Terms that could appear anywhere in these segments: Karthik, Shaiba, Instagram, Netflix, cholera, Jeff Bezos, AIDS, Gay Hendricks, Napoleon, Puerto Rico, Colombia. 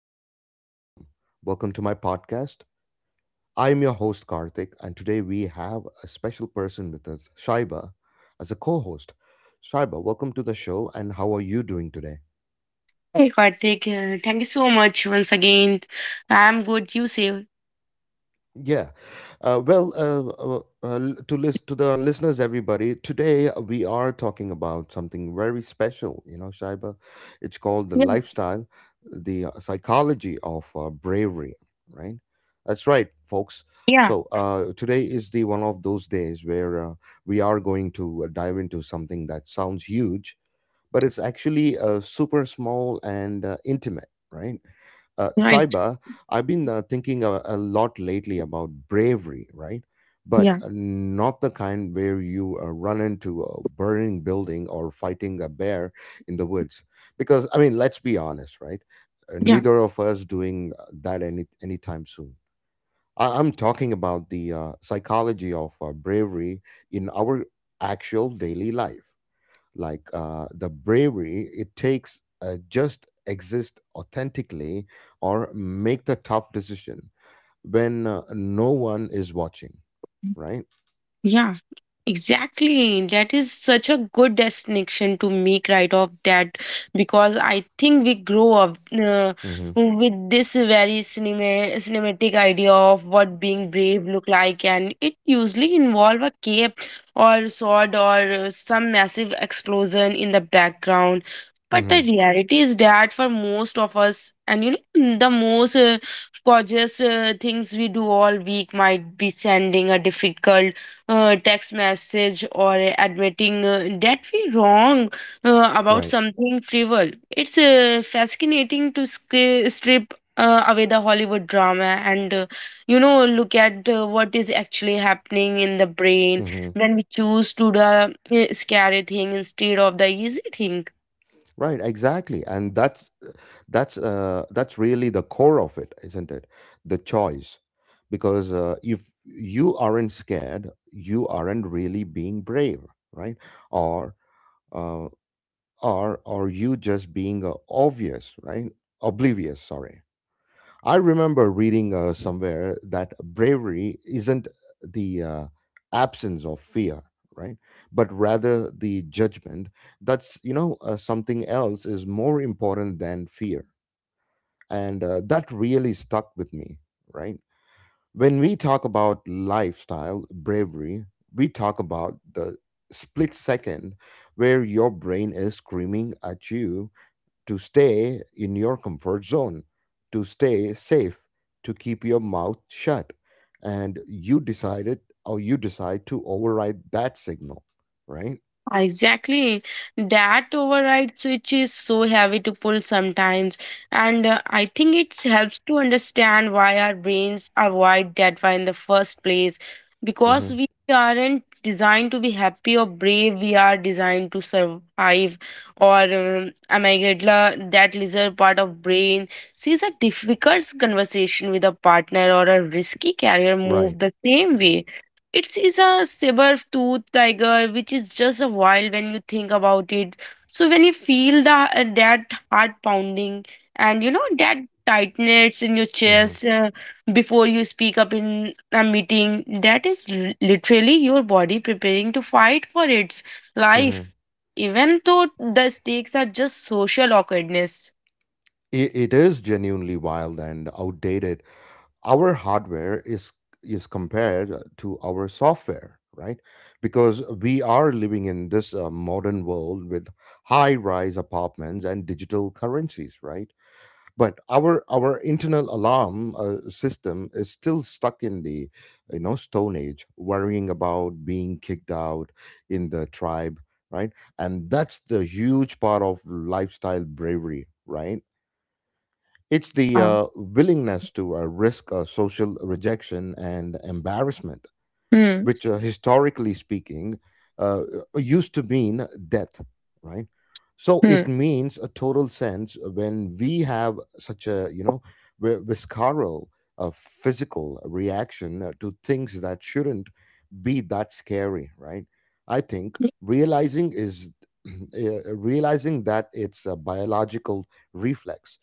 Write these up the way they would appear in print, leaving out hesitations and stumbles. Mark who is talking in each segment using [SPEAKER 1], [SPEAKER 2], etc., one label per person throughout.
[SPEAKER 1] of the world you're from. Welcome to my podcast. I'm your host, Karthik, and today we have a special person with us, Shaiba, as a co host. Shaiba, welcome to the show, and how are you doing today?
[SPEAKER 2] Hey Karthik, thank you so much once again. I'm good. You say?
[SPEAKER 1] Yeah. Well, uh, to the listeners, everybody, today we are talking about something very special. You know, Shaiba, it's called the
[SPEAKER 2] Yeah.
[SPEAKER 1] lifestyle, the psychology of bravery. Right. That's right, folks.
[SPEAKER 2] Yeah.
[SPEAKER 1] So today is the one of those days where we are going to dive into something that sounds huge, but it's actually super small and intimate. Right.
[SPEAKER 2] Right.
[SPEAKER 1] Shaiba, I've been thinking a lot lately about bravery, right? But
[SPEAKER 2] Yeah.
[SPEAKER 1] not the kind where you run into a burning building or fighting a bear in the woods. Because, I mean, let's be honest, right?
[SPEAKER 2] Yeah.
[SPEAKER 1] Neither of us doing that anytime soon. I'm talking about the psychology of bravery in our actual daily life, like the bravery it takes just exist authentically, or make the tough decision when no one is watching, right?
[SPEAKER 2] Yeah, exactly. That is such a good destination to make right off that because I think we grow up
[SPEAKER 1] Mm-hmm.
[SPEAKER 2] with this very cinematic idea of what being brave look like, and it usually involve a cape or sword or some massive explosion in the background. But
[SPEAKER 1] Mm-hmm.
[SPEAKER 2] the reality is that for most of us, and you know, the most gorgeous things we do all week might be sending a difficult text message or admitting that we wrong about
[SPEAKER 1] Right.
[SPEAKER 2] something trivial. It's fascinating to strip away the Hollywood drama and, you know, look at what is actually happening in the brain
[SPEAKER 1] Mm-hmm.
[SPEAKER 2] when we choose to the scary thing instead of the easy thing.
[SPEAKER 1] Right. Exactly. And that's really the core of it, isn't it? The choice. Because if you aren't scared you aren't really being brave, right? Or uh, or are you just being obvious, right? Oblivious, sorry. I remember reading somewhere that bravery isn't the absence of fear, right, but rather the judgment that's, something else is more important than fear. And that really stuck with me, right? When we talk about lifestyle bravery, we talk about the split second where your brain is screaming at you to stay in your comfort zone, to stay safe, to keep your mouth shut. And you decided or you decide to override that signal, right?
[SPEAKER 2] Exactly. That override switch is so heavy to pull sometimes. And I think it helps to understand why our brains are wired that way in the first place. Because
[SPEAKER 1] Hmm.
[SPEAKER 2] we aren't designed to be happy or brave, we are designed to survive. Or amygdala, that lizard part of brain, sees a difficult conversation with a partner or a risky career
[SPEAKER 1] Right.
[SPEAKER 2] move the same way. It is a saber-tooth tiger, which is just a wild when you think about it. So when you feel the that heart pounding and you know that tightness in your
[SPEAKER 1] Hmm.
[SPEAKER 2] chest before you speak up in a meeting, that is literally your body preparing to fight for its life,
[SPEAKER 1] Hmm.
[SPEAKER 2] even though the stakes are just social awkwardness.
[SPEAKER 1] It is genuinely wild and outdated. Our hardware is compared to our software, right? Because we are living in this modern world with high rise apartments and digital currencies, right? But our internal alarm system is still stuck in the stone age, worrying about being kicked out in the tribe, right? And that's the huge part of lifestyle bravery, right? It's the
[SPEAKER 2] Yeah.
[SPEAKER 1] willingness to risk social rejection and embarrassment,
[SPEAKER 2] Hmm.
[SPEAKER 1] which historically speaking uh, used to mean death, right? So it
[SPEAKER 2] Hmm.
[SPEAKER 1] means a total sense when we have such a, visceral physical reaction to things that shouldn't be that scary, right? I think realizing is realizing that it's a biological reflex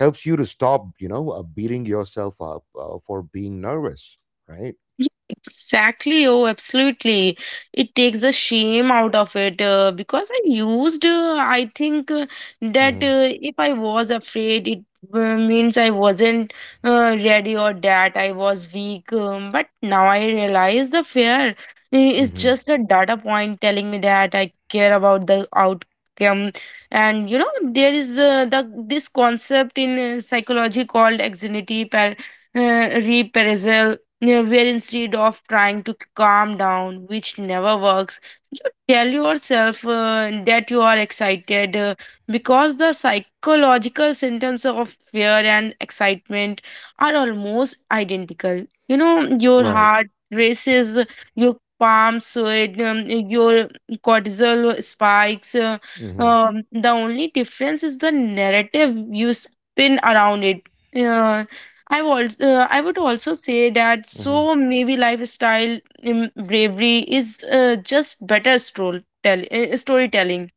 [SPEAKER 1] helps you to stop, beating yourself up for being nervous, right?
[SPEAKER 2] Yeah, exactly. Oh, absolutely. It takes the shame out of it because I think that if I was afraid, it means I wasn't ready or that I was weak. But now I realize the fear is
[SPEAKER 1] Hmm.
[SPEAKER 2] just a data point telling me that I care about the outcome. And you know, there is the this concept in psychology called reappraisal, yeah, where instead of trying to calm down, which never works, you tell yourself that you are excited because the psychological symptoms of fear and excitement are almost identical. You know, your
[SPEAKER 1] Right.
[SPEAKER 2] heart races, your palms sweat, your cortisol spikes.
[SPEAKER 1] Hmm.
[SPEAKER 2] The only difference is the narrative you spin around it. Yeah. I would also say that
[SPEAKER 1] Hmm.
[SPEAKER 2] so maybe lifestyle bravery is just better storytelling.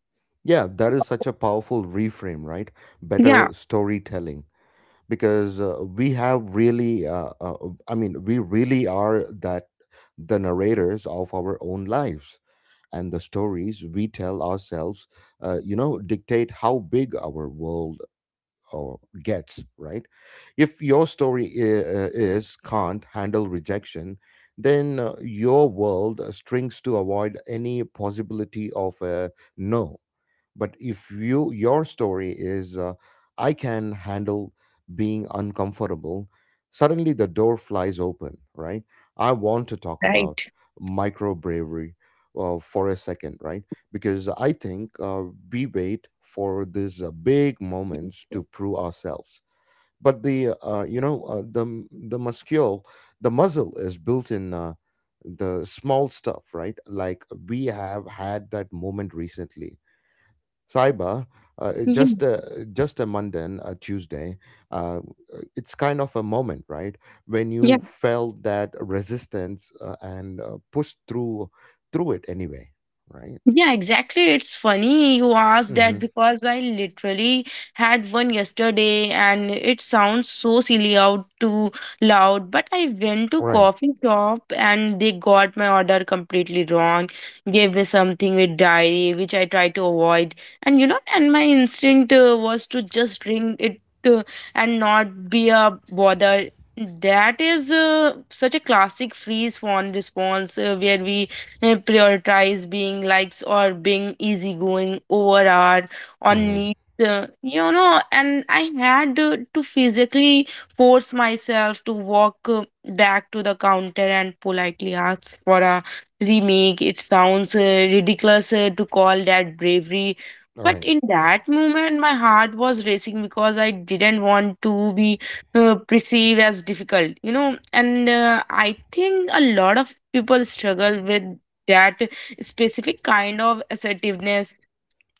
[SPEAKER 1] Yeah, that is such a powerful reframe, right?
[SPEAKER 2] Yeah,
[SPEAKER 1] Better storytelling. Because I mean, we really are that the narrators of our own lives, and the stories we tell ourselves, dictate how big our world or gets, right? If your story is can't handle rejection, then your world strings to avoid any possibility of a no. But if your story is, I can handle being uncomfortable, suddenly the door flies open, right? I want to talk about micro bravery for a second, right? Because I think we wait for these big moments to prove ourselves, but the muscle is built in the small stuff, right? Like we have had that moment recently, Cyber, it
[SPEAKER 2] yeah,
[SPEAKER 1] just a Monday, a Tuesday. Uh, it's kind of a moment, right, when
[SPEAKER 2] yeah.
[SPEAKER 1] you felt that resistance and pushed through it anyway, right?
[SPEAKER 2] Yeah, exactly. It's funny you asked
[SPEAKER 1] Mm-hmm.
[SPEAKER 2] that because I literally had one yesterday and it sounds so silly out too loud, but I went to
[SPEAKER 1] Right.
[SPEAKER 2] coffee shop and they got my order completely wrong, gave me something with dairy, which I tried to avoid. And you know, and my instinct was to just drink it uh, and not be a bother. That is such a classic freeze fawn response where we prioritize being likes or being easygoing over our on
[SPEAKER 1] Mm-hmm.
[SPEAKER 2] need, you know, and I had to physically force myself to walk back to the counter and politely ask for a remake. It sounds ridiculous to call that bravery, but
[SPEAKER 1] Right.
[SPEAKER 2] in that moment my heart was racing because I didn't want to be perceived as difficult, you know, and I think a lot of people struggle with that specific kind of assertiveness.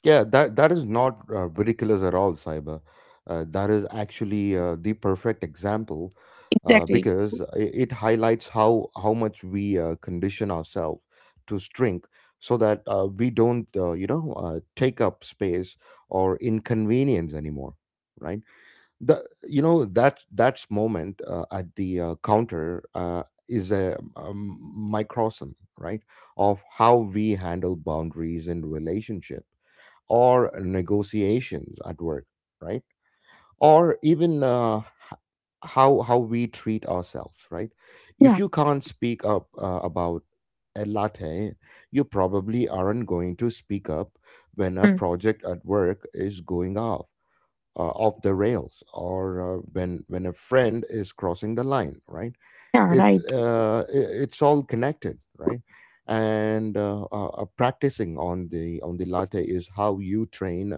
[SPEAKER 1] Yeah, that is not ridiculous at all, Cyber. That is actually the perfect example
[SPEAKER 2] Exactly.
[SPEAKER 1] because it highlights how much we condition ourselves to shrink so that we don't take up space or inconvenience anymore, right? The that's moment at the counter is a, microcosm, right, of how we handle boundaries in relationship or negotiations at work, right? Or even h- how we treat ourselves, right? If
[SPEAKER 2] Yeah.
[SPEAKER 1] you can't speak up about a latte, you probably aren't going to speak up when a
[SPEAKER 2] Mm.
[SPEAKER 1] project at work is going off the rails, or when a friend is crossing the line, right?
[SPEAKER 2] Yeah.
[SPEAKER 1] it's
[SPEAKER 2] Right.
[SPEAKER 1] uh, i- it's all connected, right? And practicing on the latte is how you train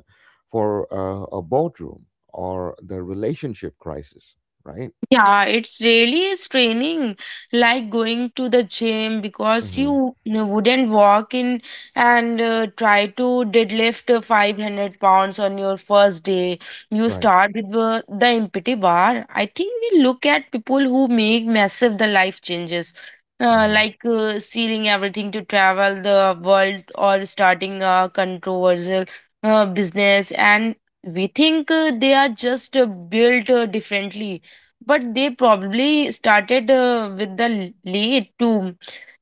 [SPEAKER 1] for a boardroom or the relationship crisis, right?
[SPEAKER 2] Yeah, it's really straining, like going to the gym. Because
[SPEAKER 1] Hmm.
[SPEAKER 2] you wouldn't walk in and try to deadlift 500 pounds on your first day. You
[SPEAKER 1] Right.
[SPEAKER 2] start with the empty bar. I think we look at people who make massive the life changes,
[SPEAKER 1] Hmm.
[SPEAKER 2] like selling everything to travel the world or starting a controversial business, and we think they are just built differently, but they probably started with the late too.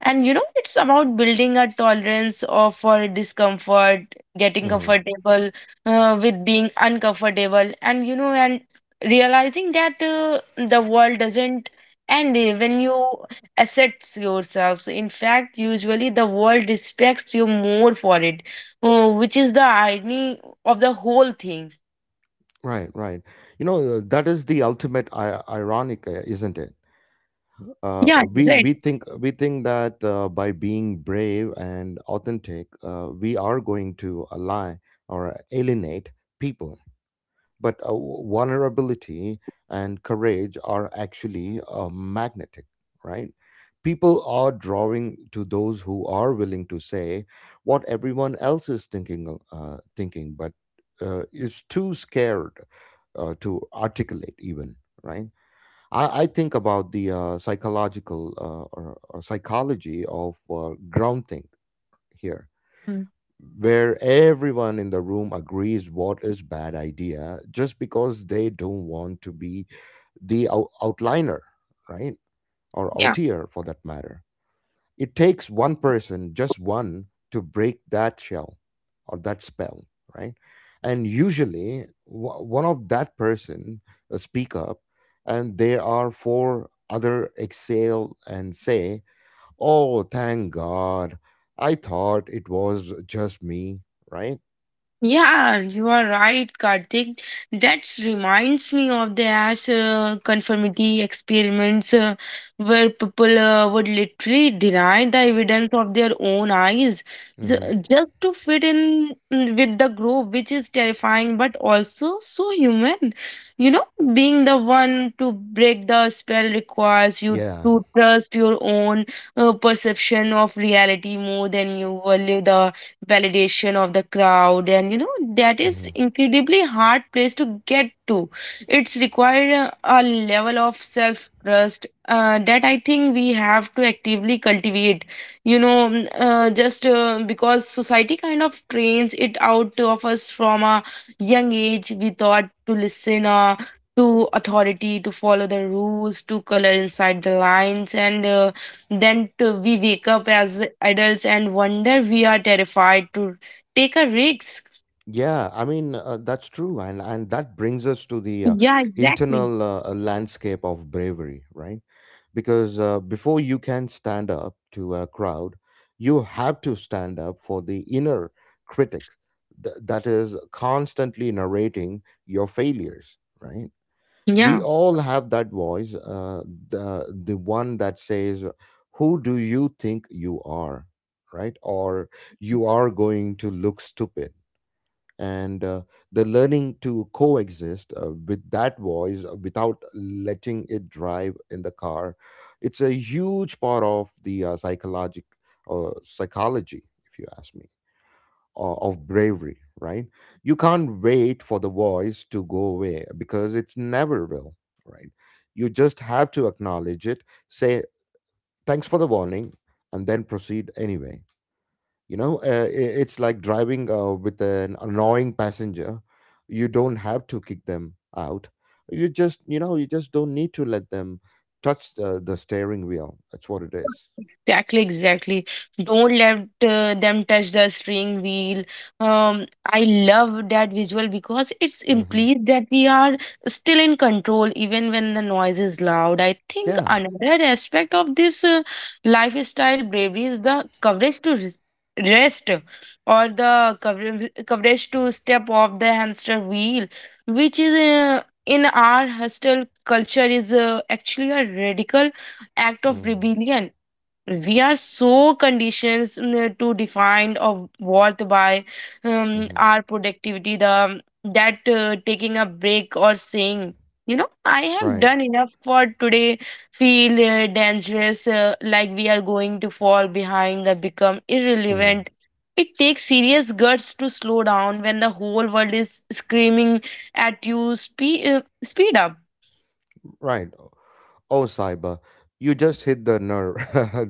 [SPEAKER 2] And you know, it's about building a tolerance of for discomfort, getting
[SPEAKER 1] Hmm.
[SPEAKER 2] comfortable with being uncomfortable, and you know, and realizing that the world doesn't end when you accept yourself. So in fact, usually the world respects you more for it, which is the irony of the whole thing.
[SPEAKER 1] Right. Right. That is the ultimate ironic, isn't it? uh,
[SPEAKER 2] Yeah,
[SPEAKER 1] we
[SPEAKER 2] right.
[SPEAKER 1] we think we think that by being brave and authentic we are going to ally or alienate people. But vulnerability and courage are actually magnetic, right? People are drawing to those who are willing to say what everyone else is thinking, but is too scared to articulate even, right? I think about the psychological or psychology of ground think here,
[SPEAKER 2] Mm.
[SPEAKER 1] where everyone in the room agrees what is bad idea just because they don't want to be the outliner, right? Or
[SPEAKER 2] Yeah.
[SPEAKER 1] outer for that matter. It takes one person, just one, to break that shell or that spell, right? And usually one of that person speak up, and there are four other exhale and say, oh thank god, I thought it was just me, right?
[SPEAKER 2] Yeah, you are right, Karthik. That reminds me of the ash conformity experiments where people would literally deny the evidence of their own eyes, ju-
[SPEAKER 1] Hmm.
[SPEAKER 2] just to fit in with the group, which is terrifying but also so human. You know, being the one to break the spell requires you
[SPEAKER 1] Yeah.
[SPEAKER 2] to trust your own perception of reality more than you value the validation of the crowd. And you know, that is
[SPEAKER 1] Hmm.
[SPEAKER 2] incredibly hard place to get to. It's required a level of self trust that I think we have to actively cultivate, you know, just because society kind of trains it out of us from a young age. We thought to listen to authority, to follow the rules, to color inside the lines, and then to, we wake up as adults and wonder we are terrified to take a risk.
[SPEAKER 1] Yeah. I mean, that's true, and that brings us to the
[SPEAKER 2] Yeah, exactly.
[SPEAKER 1] internal landscape of bravery, right? Because before you can stand up to a crowd, you have to stand up for the inner critics that is constantly narrating your failures, right? We
[SPEAKER 2] Yeah.
[SPEAKER 1] all have that voice, the one that says, who do you think you are, right? Or you are going to look stupid. And the learning to coexist with that voice without letting it drive in the car, it's a huge part of the psychologic psychology, if you ask me, of bravery, right? You can't wait for the voice to go away because it never will, right? You just have to acknowledge it, say thanks for the warning, and then proceed anyway. It's like driving with an annoying passenger. You don't have to kick them out. You just, you just don't need to let them touch the steering wheel. That's what it is.
[SPEAKER 2] Exactly, exactly. Don't let them touch the steering wheel. I love that visual because it's
[SPEAKER 1] Mm-hmm.
[SPEAKER 2] implies that we are still in control even when the noise is loud. I think
[SPEAKER 1] Yeah.
[SPEAKER 2] another aspect of this lifestyle bravery is the coverage to rest or the coverage to step off the hamster wheel, which is in our hostel culture is actually a radical act of
[SPEAKER 1] Mm-hmm.
[SPEAKER 2] rebellion. We are so conditioned, to define of worth by our productivity, the that taking a break or saying, you know, I have
[SPEAKER 1] Right.
[SPEAKER 2] done enough for today, feel dangerous, like we are going to fall behind, that become
[SPEAKER 1] Mm.
[SPEAKER 2] irrelevant. It takes serious guts to slow down when the whole world is screaming at you, speed up.
[SPEAKER 1] Right. Oh, Saiba, you just hit the nerve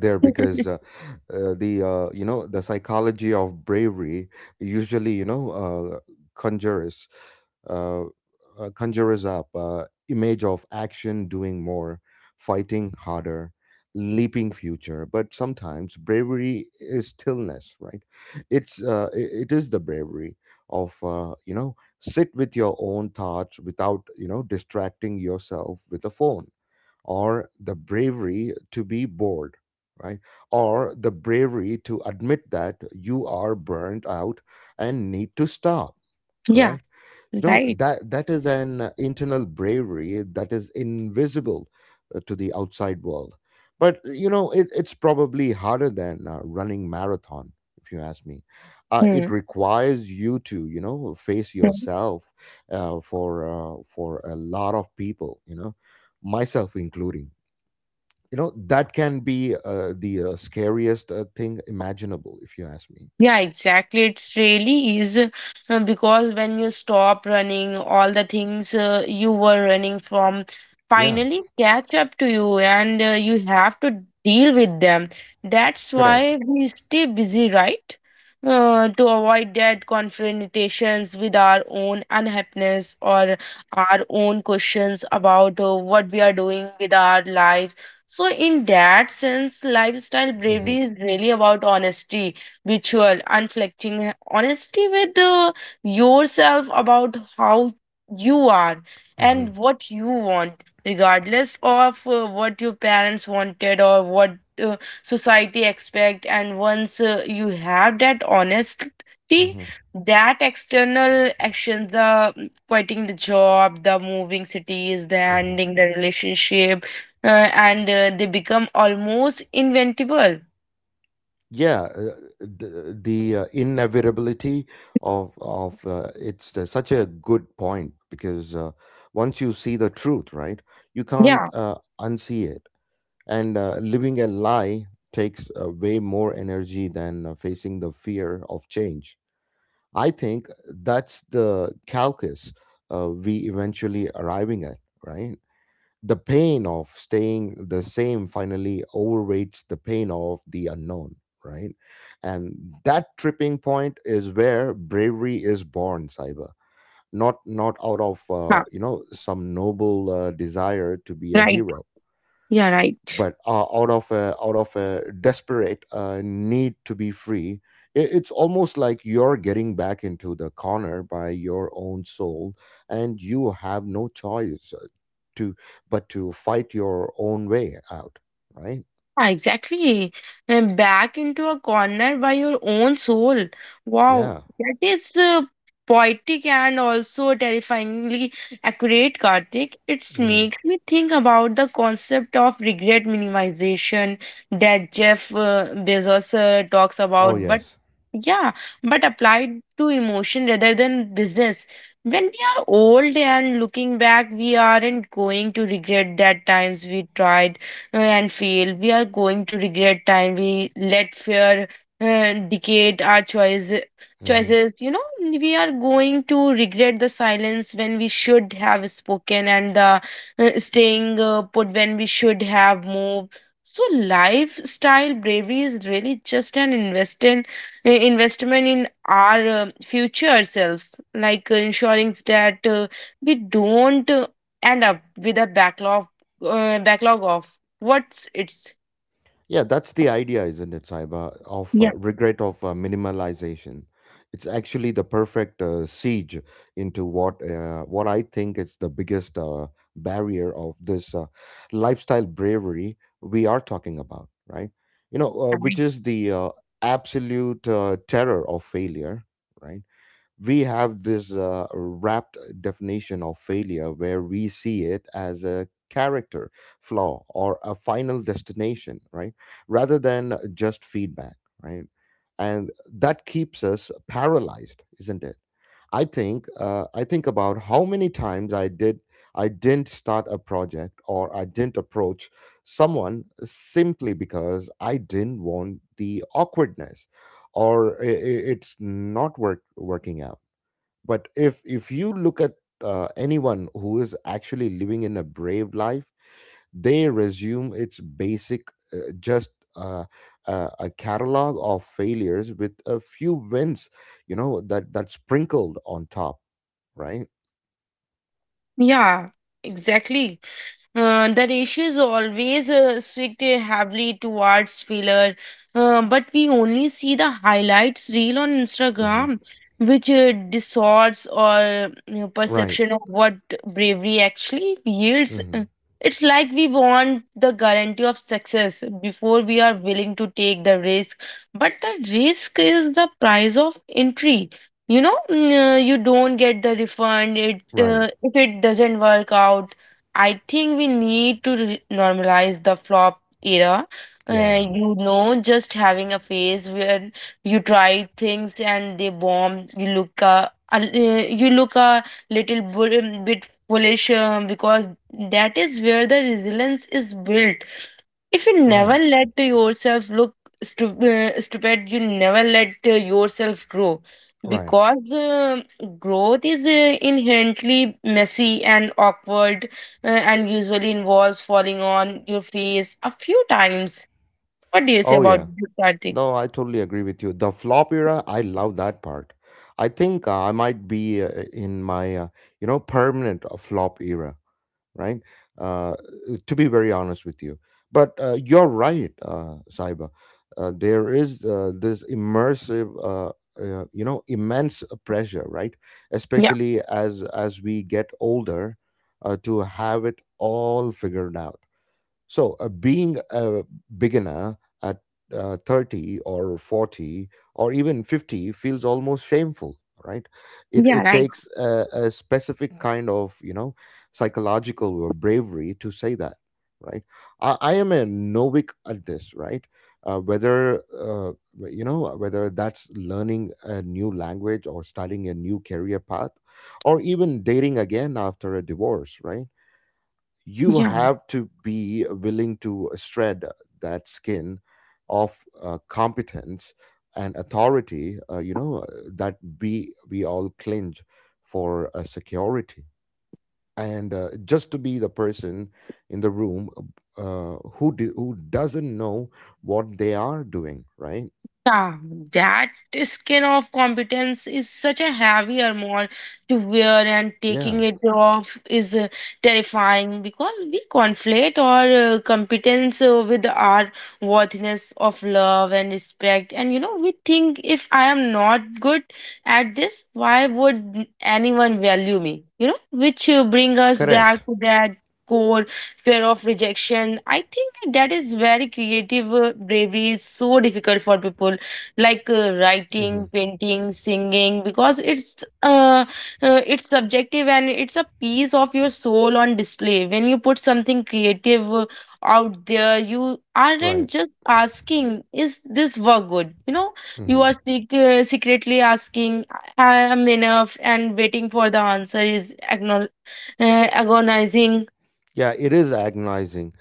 [SPEAKER 1] there, because the you know the psychology of bravery usually conjures uh, conjures up image of action, doing more, fighting harder, leaping future. But sometimes bravery is stillness, right? It is the bravery of sit with your own thoughts without distracting yourself with a phone, or the bravery to be bored, right? Or the
[SPEAKER 2] Yeah,
[SPEAKER 1] bravery to admit that you are burnt out and need to stop,
[SPEAKER 2] yeah,
[SPEAKER 1] correct?
[SPEAKER 2] right.
[SPEAKER 1] That is an internal bravery that is invisible to the outside world. But, it's probably harder than running marathon, if you ask me. It
[SPEAKER 2] Hmm.
[SPEAKER 1] requires you to, face
[SPEAKER 2] Hmm.
[SPEAKER 1] yourself for a lot of people, myself including, that can be the scariest thing imaginable, if you ask me.
[SPEAKER 2] Yeah, exactly. It's really is, because when you stop running, all the things you were running from
[SPEAKER 1] Yeah.
[SPEAKER 2] finally catch up to you, and you have to deal with them. That's
[SPEAKER 1] Correct.
[SPEAKER 2] why we stay busy, right? To avoid that confrontations with our own unhappiness or our own questions about what we are doing with our lives. So, in that sense, lifestyle
[SPEAKER 1] Hmm.
[SPEAKER 2] bravery is really about honesty, ritual, unflinching honesty with yourself about how you are
[SPEAKER 1] Hmm.
[SPEAKER 2] and what you want, regardless of what your parents wanted or what uh, society expect. And once you have that honesty,
[SPEAKER 1] Hmm.
[SPEAKER 2] that external actions, the quitting the job, the moving cities, the
[SPEAKER 1] Hmm.
[SPEAKER 2] ending the relationship, and they become almost inventable.
[SPEAKER 1] Yeah. The inevitability of it's such a good point, because once you see the truth, right, you can't
[SPEAKER 2] Yeah,
[SPEAKER 1] unsee it. And living a lie takes way more energy than facing the fear of change. I think that's the calculus we eventually arriving at, right? The pain of staying the same finally overweights the pain of the unknown, right? And that tripping point is where bravery is born, Cyber. Not out of
[SPEAKER 2] huh,
[SPEAKER 1] some noble desire to be a
[SPEAKER 2] right.
[SPEAKER 1] hero,
[SPEAKER 2] Yeah, right.
[SPEAKER 1] but out of a desperate need to be free. It's almost like you're getting back into the corner by your own soul, and you have no choice, to but to fight your own way out, right?
[SPEAKER 2] Ah, exactly. And back into a corner by your own soul. Wow,
[SPEAKER 1] Yeah.
[SPEAKER 2] that is poetic and also terrifyingly accurate, Karthik. It
[SPEAKER 1] Hmm.
[SPEAKER 2] makes me think about the concept of regret minimization that Jeff Bezos talks
[SPEAKER 1] Oh
[SPEAKER 2] about, but
[SPEAKER 1] yes.
[SPEAKER 2] yeah, but applied to emotion rather than business. When we are old and looking back, we aren't going to regret that times we tried and fail. We are going to regret time we let fear dictate our choices.
[SPEAKER 1] Hmm.
[SPEAKER 2] choices. You know, we are going to regret the silence when we should have spoken and the staying put when we should have moved. So lifestyle bravery is really just an investment in our future selves, like ensuring that we don't end up with a backlog of What's its?
[SPEAKER 1] Yeah, that's the idea, isn't it, Saiba, of
[SPEAKER 2] Yeah.
[SPEAKER 1] regret of minimalization. It's actually the perfect siege into what I think is the biggest barrier of this lifestyle bravery we are talking about, right?
[SPEAKER 2] Yeah,
[SPEAKER 1] Which is the absolute terror of failure, right? We have this wrapped definition of failure where we see it as a character flaw or a final destination, right, rather than just feedback, right? And that keeps us paralyzed, isn't it? I think I think about how many times I didn't start a project or I didn't approach someone simply because I didn't want the awkwardness. Or it's not working out. But if you look at anyone who is actually living in a brave life, they resume its basic just a catalog of failures with a few wins, you know, that sprinkled on top, right?
[SPEAKER 2] yeah, exactly. The ratio is always swung heavily towards filler, but we only see the highlights reel on Instagram,
[SPEAKER 1] Hmm.
[SPEAKER 2] which distorts our, you know,
[SPEAKER 1] Right.
[SPEAKER 2] perception of what bravery actually yields.
[SPEAKER 1] Hmm.
[SPEAKER 2] It's like we want the guarantee of success before we are willing to take the risk, but the risk is the price of entry. You know, you don't get the refund it
[SPEAKER 1] Right.
[SPEAKER 2] if it doesn't work out. I think we need to normalize the flop era,
[SPEAKER 1] Yeah.
[SPEAKER 2] you know, just having a phase where you try things and they bomb, you look a you look a little bit foolish, because that is where the resilience is built. If you never
[SPEAKER 1] Right,
[SPEAKER 2] let yourself look stupid, you never let yourself grow,
[SPEAKER 1] right.
[SPEAKER 2] because the growth is inherently messy and awkward, and usually involves falling on your face a few times. What do you say
[SPEAKER 1] Oh
[SPEAKER 2] about
[SPEAKER 1] yeah,
[SPEAKER 2] this, Karthik?
[SPEAKER 1] no, I totally agree with you. The flop era, I love that part. I think I might be in my you know, permanent flop era, right? Uh, to be very honest with you. But you're right, Saiba. There is this immersive, you know, immense pressure, right?
[SPEAKER 2] Yeah.
[SPEAKER 1] Especially as we get older, to have it all figured out. So, being a beginner at 30 or 40 or even 50 feels almost shameful, right? It,
[SPEAKER 2] Yeah,
[SPEAKER 1] it
[SPEAKER 2] right.
[SPEAKER 1] takes a specific kind of, you know, psychological bravery to say that, right? I am a novic at this, right? Whether you know, whether that's learning a new language or starting a new career path or even dating again after a divorce, right? You
[SPEAKER 2] Yeah.
[SPEAKER 1] have to be willing to shred that skin of competence and authority, that we all clinch for security and just to be the person in the room, who doesn't know what they are doing, right?
[SPEAKER 2] Yeah, that skin of competence is such a heavy armor to wear, and taking
[SPEAKER 1] Yeah.
[SPEAKER 2] it off is terrifying because we conflate our competence with our worthiness of love and respect. And you know, we think, if I am not good at this, why would anyone value me? Which bring us back
[SPEAKER 1] Correct.
[SPEAKER 2] to that core fear of rejection. I think that is very creative. Bravery is so difficult for people like writing,
[SPEAKER 1] Hmm.
[SPEAKER 2] painting, singing because it's subjective, and it's a piece of your soul on display. When you put something creative out there, you aren't
[SPEAKER 1] Right.
[SPEAKER 2] just asking, is this work good? You know, you
[SPEAKER 1] Hmm.
[SPEAKER 2] are secretly asking, I am enough, and waiting for the answer is agonizing.
[SPEAKER 1] Yeah, it is agonizing.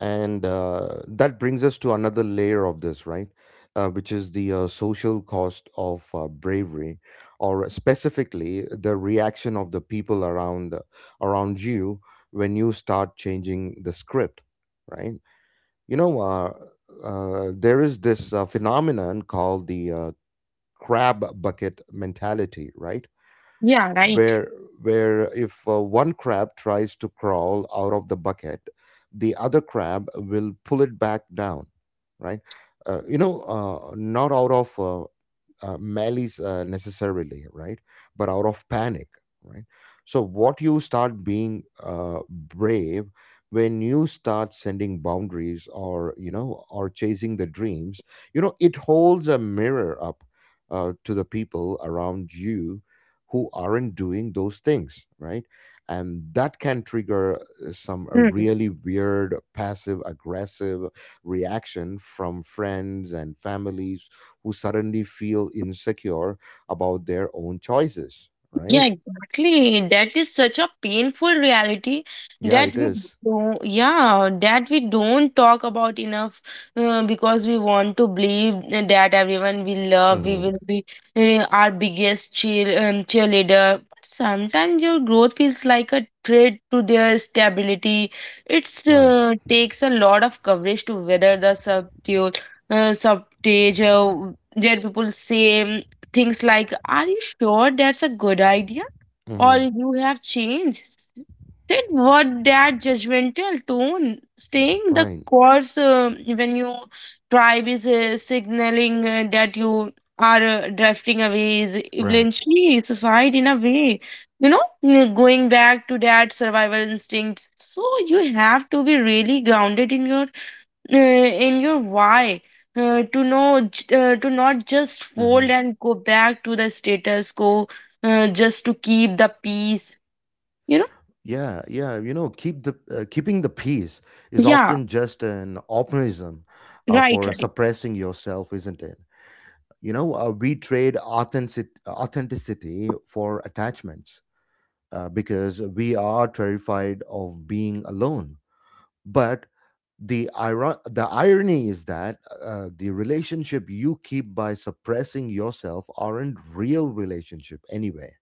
[SPEAKER 1] And that brings us to another layer of this, right? Which is the social cost of bravery, or specifically the reaction of the people around you when you start changing the script, right? You know, uh, there is this phenomenon called the crab bucket mentality, right?
[SPEAKER 2] Yeah, right.
[SPEAKER 1] where where if one crab tries to crawl out of the bucket, the other crab will pull it back down, right? Not out of malice necessarily, right? But out of panic, right? So, what you start being brave, when you start sending boundaries, or, you know, or chasing the dreams, you know, it holds a mirror up to the people around you who aren't doing those things, right? And that can trigger some
[SPEAKER 2] Hmm.
[SPEAKER 1] really weird, passive aggressive reaction from friends and families who suddenly feel insecure about their own choices, right?
[SPEAKER 2] Yeah, exactly. That is such a painful reality
[SPEAKER 1] Yeah,
[SPEAKER 2] that
[SPEAKER 1] it
[SPEAKER 2] we
[SPEAKER 1] is.
[SPEAKER 2] don't talk about enough because we want to believe that everyone we love, we
[SPEAKER 1] Mm-hmm.
[SPEAKER 2] will be our biggest cheerleader. But sometimes your growth feels like a threat to their stability. It's
[SPEAKER 1] Right.
[SPEAKER 2] takes a lot of coverage to weather the subtle, subtage that people say. Things like, are you sure that's a good idea? Or
[SPEAKER 1] Mm-hmm.
[SPEAKER 2] you have changed? Said what, that judgmental tone, staying the
[SPEAKER 1] Right.
[SPEAKER 2] course when you tribe is signaling that you are drifting away is
[SPEAKER 1] Right.
[SPEAKER 2] eventually suicide in a way. Going back to that survival instinct. So you have to be really grounded in your why to to not just
[SPEAKER 1] Mm-hmm.
[SPEAKER 2] fold and go back to the status quo just to keep the peace, you know.
[SPEAKER 1] Yeah, yeah. You know, keep the keeping the peace is
[SPEAKER 2] Yeah,
[SPEAKER 1] often just an optimism
[SPEAKER 2] right,
[SPEAKER 1] for
[SPEAKER 2] right.
[SPEAKER 1] suppressing yourself, isn't it? You know, we trade authenticity for attachments because we are terrified of being alone. But the irony is that the relationship you keep by suppressing yourself aren't real relationship anyway.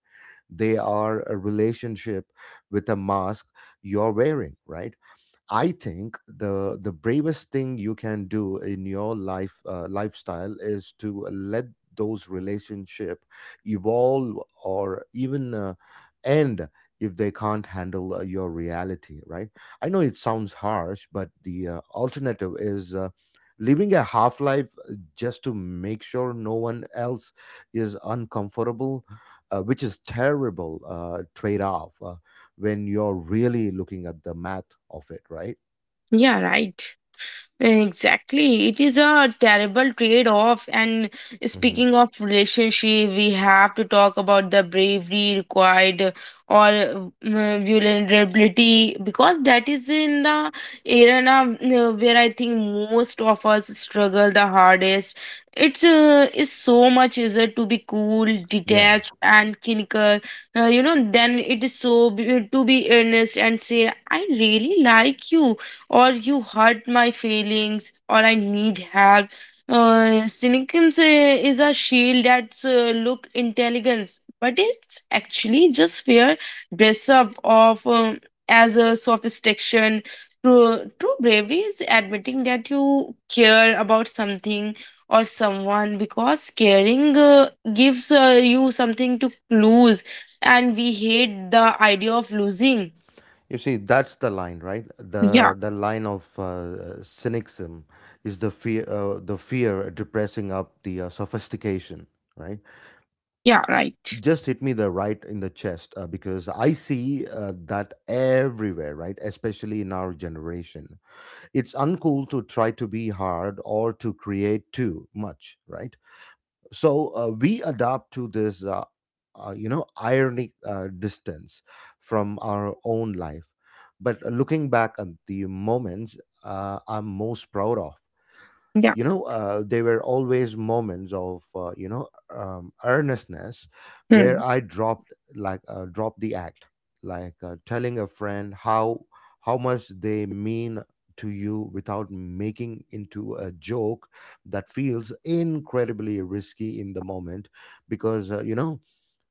[SPEAKER 1] They are a relationship with a mask you're wearing, right? I think the bravest thing you can do in your life, lifestyle, is to let those relationship evolve or even end if they can't handle your reality, right? I know it sounds harsh, but the alternative is living a half life just to make sure no one else is uncomfortable, which is terrible trade off when you're really looking at the math of it, right?
[SPEAKER 2] Yeah, right. Exactly. It is a terrible trade off. And
[SPEAKER 1] Hmm.
[SPEAKER 2] speaking of relationship, we have to talk about the bravery required or vulnerability because that is in the arena where I think most of us struggle the hardest. It's is so much easier to be cool,
[SPEAKER 1] Yeah.
[SPEAKER 2] detached, and clinical, you know, then it is to be earnest and say, I really like you, or you hurt my feelings, or I need help. Cynicism is a shield that look intelligence, but it's actually just fear dress up of as a sophistication. True, true bravery is admitting that you care about something or someone because caring gives you something to lose, and we hate the idea of losing.
[SPEAKER 1] You see, that's the line, right?
[SPEAKER 2] Yeah,
[SPEAKER 1] The line of cynicism is the fear depressing up the sophistication, right?
[SPEAKER 2] yeah, right.
[SPEAKER 1] Just hit me the right in the chest because I see that everywhere, right? Especially in our generation, it's uncool to try to be hard or to create too much, right? So we adapt to this you know, ironic distance from our own life. But looking back at the moments I'm most proud of,
[SPEAKER 2] Yeah.
[SPEAKER 1] you know, there were always moments of you know, earnestness where
[SPEAKER 2] Hmm.
[SPEAKER 1] I dropped the act, like telling a friend how much they mean to you without making into a joke. That feels incredibly risky in the moment because uh, you know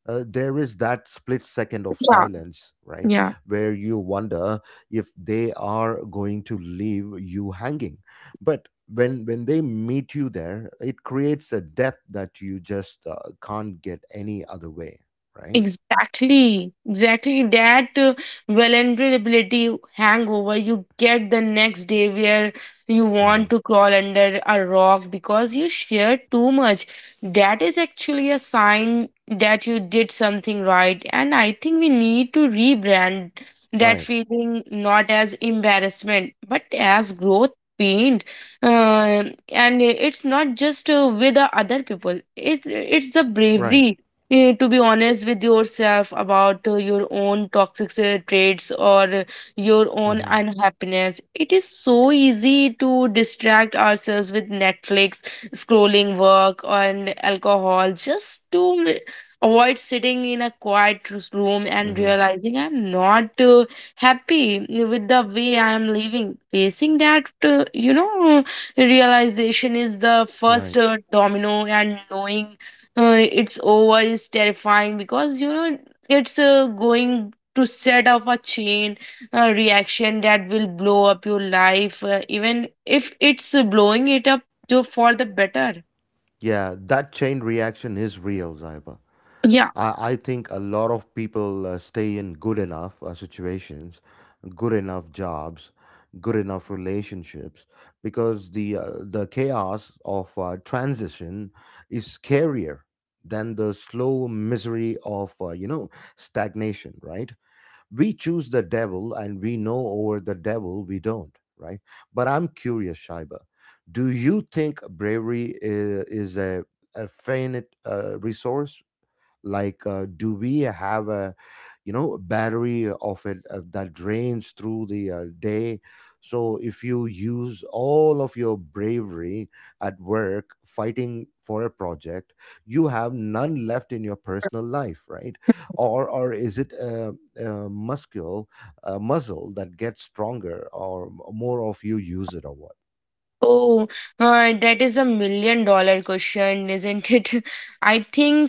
[SPEAKER 1] uh, there is that split second of
[SPEAKER 2] Yeah,
[SPEAKER 1] silence, right?
[SPEAKER 2] yeah,
[SPEAKER 1] Where you wonder if they are going to leave you hanging. But when they meet you there, it creates a depth that you just can't get any other way, right?
[SPEAKER 2] exactly, exactly. That vulnerability hangover you get the next day where you want
[SPEAKER 1] Hmm.
[SPEAKER 2] to crawl under a rock because you shared too much. That is actually a sign that you did something right, and I think we need to rebrand that
[SPEAKER 1] Right,
[SPEAKER 2] feeling not as embarrassment but as growth pain. uh, and it's not just with the other people, it's the
[SPEAKER 1] right.
[SPEAKER 2] bravery to be honest with yourself about your own toxic traits or your own
[SPEAKER 1] Hmm.
[SPEAKER 2] unhappiness. It is so easy to distract ourselves with Netflix, scrolling, work, and alcohol just to avoid sitting in a quiet room and
[SPEAKER 1] Hmm.
[SPEAKER 2] realizing I'm not happy with the way I am living. Facing that, you know, realization is the first
[SPEAKER 1] Right.
[SPEAKER 2] domino, and knowing it's over is terrifying because you know it's going to set up a chain reaction that will blow up your life even if it's blowing it up to, for the better.
[SPEAKER 1] Yeah, that chain reaction is real, Zaiba.
[SPEAKER 2] Yeah.
[SPEAKER 1] I think a lot of people stay in good enough situations, good enough jobs, good enough relationships, because the chaos of transition is scarier than the slow misery of you know, stagnation. Right? We choose the devil, and we know over the devil we don't. Right? But I'm curious, Shaiba. Do you think bravery is a finite resource, like do we have a, you know, battery of it that drains through the day, so if you use all of your bravery at work fighting for a project, you have none left in your personal life, right? Or is it a muscle, a muscle that gets stronger or more of you use it, or what?
[SPEAKER 2] Oh, that is $1 million question, isn't it? I think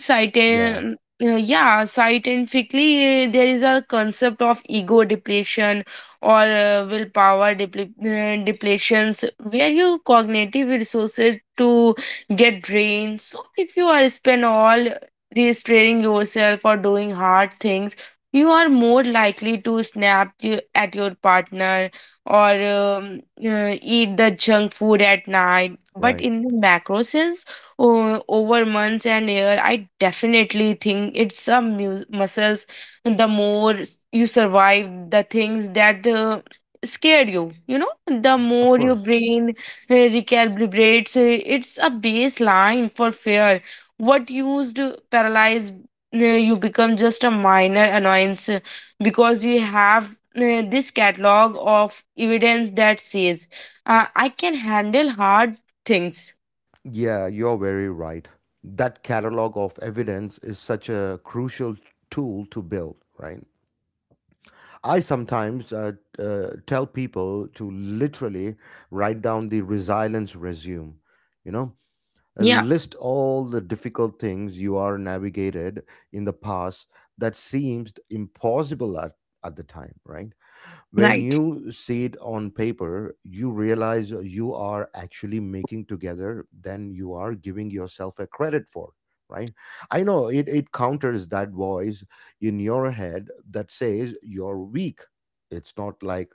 [SPEAKER 1] Yeah.
[SPEAKER 2] scientifically, yeah, scientifically, there is a concept of ego depletion or willpower depletions where your cognitive resources to get drained. So if you are spend all restraining yourself or doing hard things, you are more likely to snap at your partner or eat the junk food at night. But
[SPEAKER 1] Right.
[SPEAKER 2] in the macro sense, over months and year, I definitely think it's some muscles. The more you survive the things that scare you, you know, the
[SPEAKER 1] Of
[SPEAKER 2] more your
[SPEAKER 1] course.
[SPEAKER 2] brain recalibrates. It's a baseline for fear. What used to paralyze you become just a minor annoyance because we have this catalog of evidence that says I can handle hard things.
[SPEAKER 1] Yeah, you're very right. That catalog of evidence is such a crucial tool to build, right? I sometimes tell people to literally write down the resilience resume, you know,
[SPEAKER 2] Yeah,
[SPEAKER 1] list all the difficult things you are navigated in the past that seemed impossible at the time, right? When
[SPEAKER 2] right.
[SPEAKER 1] you see it on paper, you realize you are actually making together than you are giving yourself a credit for, right? I know it, it counters that voice in your head that says you're weak. It's not like,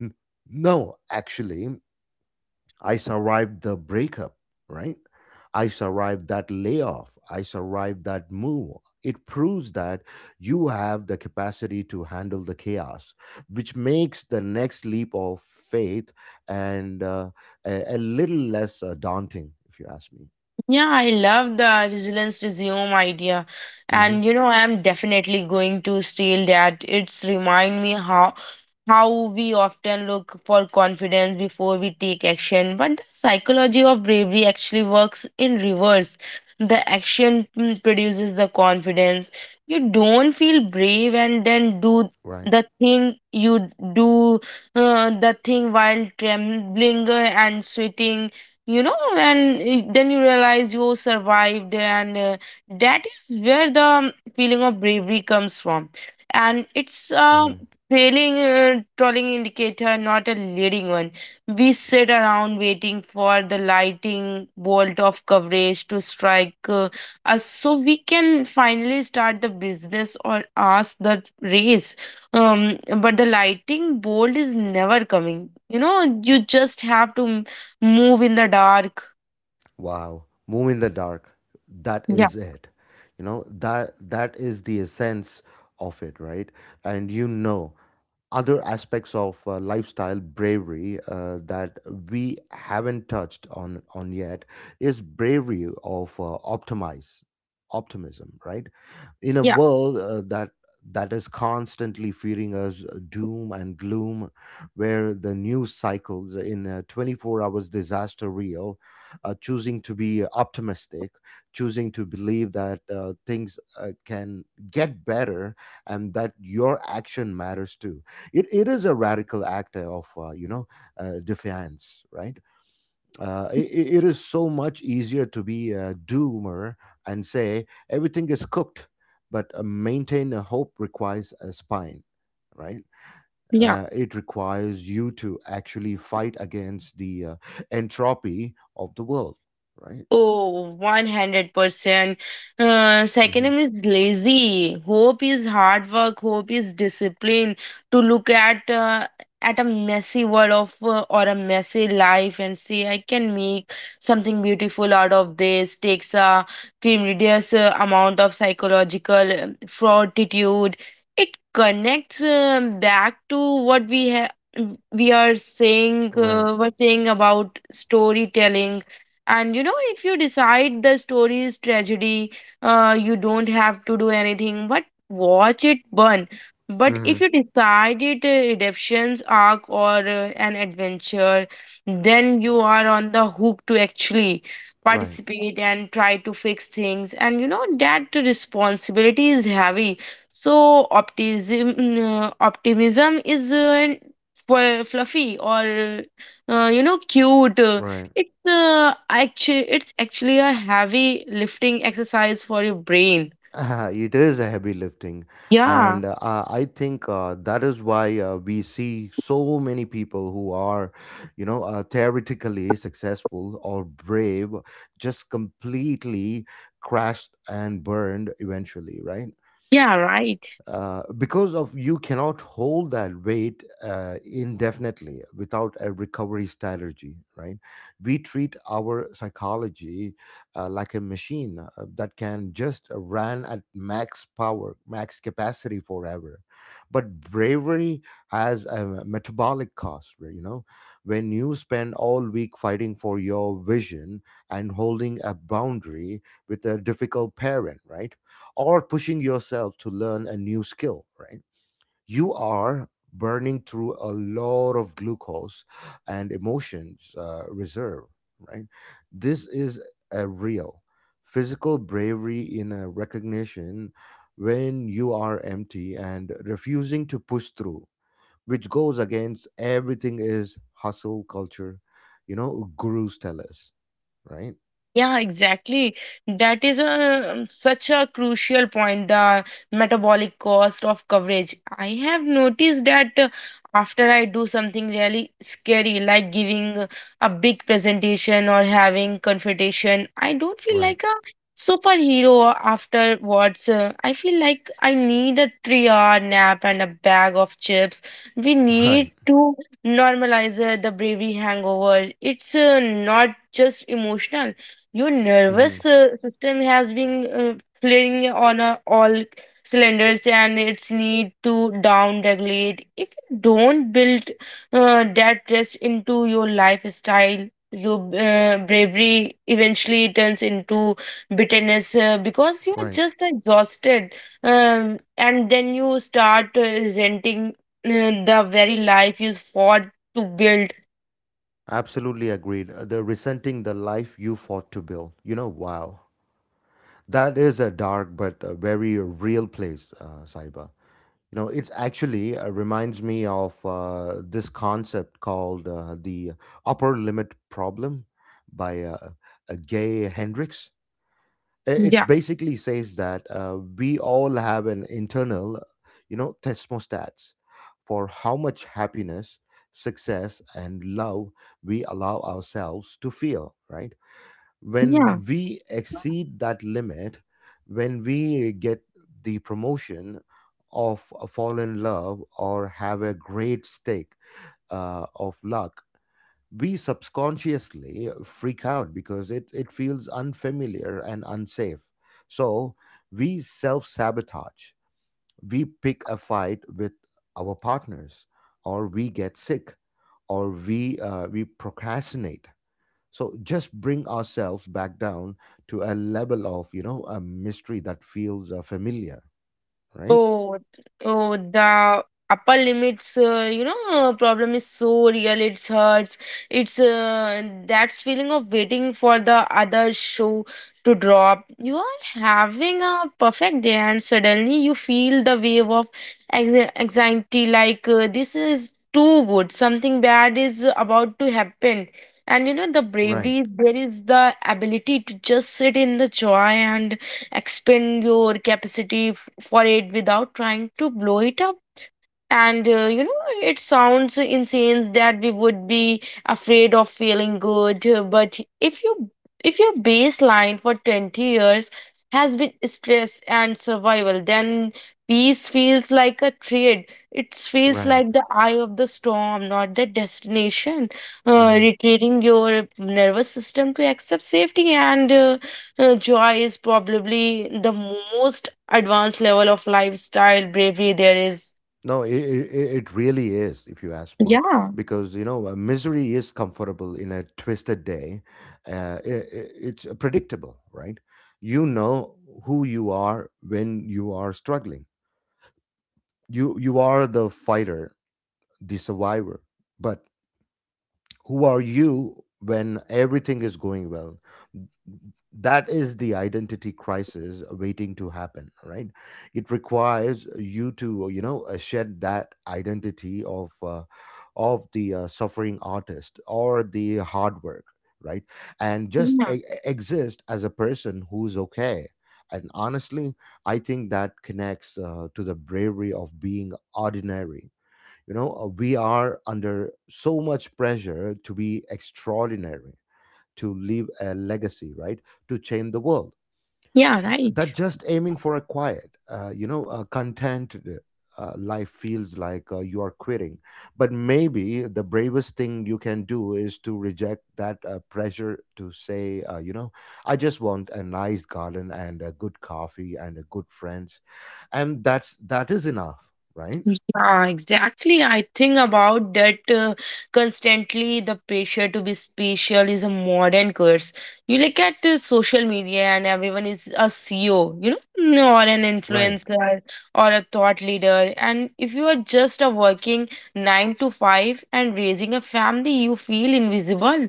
[SPEAKER 1] "N- no, actually, I survived the breakup, right? I survived that layoff. I survived that move. It proves that you have the capacity to handle the chaos," which makes the next leap of faith and a little less daunting, if you ask me.
[SPEAKER 2] Yeah, I love the resilience resume idea.
[SPEAKER 1] Hmm.
[SPEAKER 2] And you know, I'm definitely going to steal that. It's remind me how we often look for confidence before we take action, but the psychology of bravery actually works in reverse. The action produces the confidence. You don't feel brave and then do
[SPEAKER 1] Right.
[SPEAKER 2] the thing. You do the thing while trembling and sweating, you know, and then you realize you survived, and that is where the feeling of bravery comes from, and it's a
[SPEAKER 1] Hmm.
[SPEAKER 2] trailing trolling indicator, not a leading one. We sit around waiting for the lighting bolt of coverage to strike us so we can finally start the business or ask the race, but the lighting bolt is never coming, you know. You just have to move in the dark.
[SPEAKER 1] Wow. Move in the dark. That
[SPEAKER 2] Yeah,
[SPEAKER 1] is it. You know that that is the essence of it, right? And you know, other aspects of lifestyle bravery that we haven't touched on yet, is bravery of optimize optimism, right? In a
[SPEAKER 2] yeah,
[SPEAKER 1] world that is constantly feeding us doom and gloom, where the news cycles in a 24 hours disaster reel, choosing to be optimistic, choosing to believe that things can get better, and that your action matters too, it is a radical act of defiance, right? It is so much easier to be a doomer and say everything is cooked, but maintain a hope requires a spine, right?
[SPEAKER 2] yeah.
[SPEAKER 1] It requires you to actually fight against the entropy of the world, right?
[SPEAKER 2] Oh, 100%. Second
[SPEAKER 1] Hmm.
[SPEAKER 2] name is lazy. Hope is hard work. Hope is discipline to look at a messy world of or a messy life and say, I can make something beautiful out of this. Takes a tremendous amount of psychological fortitude. It connects back to what we have.
[SPEAKER 1] Right.
[SPEAKER 2] We're saying about storytelling. And you know, if you decide the story is tragedy, you don't have to do anything but watch it burn. But if
[SPEAKER 1] Hmm.
[SPEAKER 2] you decide it redemption's arc or an adventure, then you are on the hook to actually
[SPEAKER 1] Right.
[SPEAKER 2] participate and try to fix things, and you know that responsibility is heavy. So optimism is fluffy or you know, cute.
[SPEAKER 1] Right.
[SPEAKER 2] It's actually a heavy lifting exercise for your brain.
[SPEAKER 1] It is a heavy lifting,
[SPEAKER 2] Yeah.
[SPEAKER 1] and I think that is why we see so many people who are, you know, theoretically successful or brave, just completely crashed and burned eventually, right?
[SPEAKER 2] Yeah, right.
[SPEAKER 1] Because of you cannot hold that weight indefinitely without a recovery strategy, right? We treat our psychology like a machine that can just run at max power max capacity forever. But bravery has a metabolic cost, right, you know? When you spend all week fighting for your vision and holding a boundary with a difficult parent, right, or pushing yourself to learn a new skill, right? You are burning through a lot of glucose and emotions reserve, right? This is a real physical bravery in a recognition when you are empty and refusing to push through, which goes against everything is hustle culture, you know, gurus tell us, right?
[SPEAKER 2] Yeah, exactly. That is a such a crucial point, the metabolic cost of coverage. I have noticed that after I do something really scary, like giving a big presentation or having confrontation, I don't feel
[SPEAKER 1] Right,
[SPEAKER 2] like a superhero afterwards. I feel like I need a three-hour nap and a bag of chips. We
[SPEAKER 1] right.
[SPEAKER 2] need to normalize the bravery hangover. It's not just emotional, your
[SPEAKER 1] Hmm.
[SPEAKER 2] nervous system has been flaring on all cylinders, and it's need to down regulate. If you don't build that rest into your lifestyle, your bravery eventually turns into bitterness because you are
[SPEAKER 1] Right.
[SPEAKER 2] just exhausted. And then you start resenting the very life you fought to build.
[SPEAKER 1] Absolutely agreed. The resenting the life you fought to build. You know, wow. That is a dark but a very real place, Saiba. You know, it actually reminds me of this concept called the upper limit problem by Gay Hendricks. It
[SPEAKER 2] Yeah.
[SPEAKER 1] basically says that we all have an internal, you know, thermostats for how much happiness, success and love we allow ourselves to feel, right?
[SPEAKER 2] Yeah.
[SPEAKER 1] When we exceed that limit, when we get the promotion of a fall in love or have a great stake of luck, we subconsciously freak out because it feels unfamiliar and unsafe. So we self sabotage. We pick a fight with our partners, or we get sick, or we procrastinate. So just bring ourselves back down to a level of, you know, a mystery that feels familiar, right?
[SPEAKER 2] Oh, oh, the upper limits, you know, problem is so real. It hurts. It's that's feeling of waiting for the other shoe to drop. You are having a perfect day, and suddenly you feel the wave of anxiety. Like this is too good. Something bad is about to happen. And you know, the
[SPEAKER 1] Right,
[SPEAKER 2] bravery there is the ability to just sit in the joy and expand your capacity for it without trying to blow it up. And you know, it sounds insane that we would be afraid of feeling good, but if you if your baseline for 20 years has been stress and survival, then peace feels like a trade. It feels
[SPEAKER 1] right.
[SPEAKER 2] like the eye of the storm, not the destination. Retreating your nervous system to accept safety and joy is probably the most advanced level of lifestyle bravery there is.
[SPEAKER 1] No, it really is, if you ask me,
[SPEAKER 2] Yeah,
[SPEAKER 1] because you know misery is comfortable in a twisted day. It's predictable, right? You know who you are when you are struggling. You are the fighter, the survivor. But who are you when everything is going well? That is the identity crisis waiting to happen, right? It requires you to, you know, shed that identity of the suffering artist or the hard work, right? And just
[SPEAKER 2] yeah,
[SPEAKER 1] exist as a person who's okay. And honestly, I think that connects to the bravery of being ordinary. You know, we are under so much pressure to be extraordinary, to leave a legacy, right? To change the world.
[SPEAKER 2] yeah,
[SPEAKER 1] That
[SPEAKER 2] right.
[SPEAKER 1] just aiming for a quiet, content life feels like you are quitting. But maybe the bravest thing you can do is to reject that pressure to say, you know, I just want a nice garden and a good coffee and a good friends, and that is enough, right?
[SPEAKER 2] Yeah, exactly. I think about that constantly. The pressure to be special is a modern curse. You look at social media, and everyone is a CEO, you know, or an
[SPEAKER 1] Right.
[SPEAKER 2] influencer or a thought leader. And if you are just a working 9 to 5 and raising a family, you feel invisible.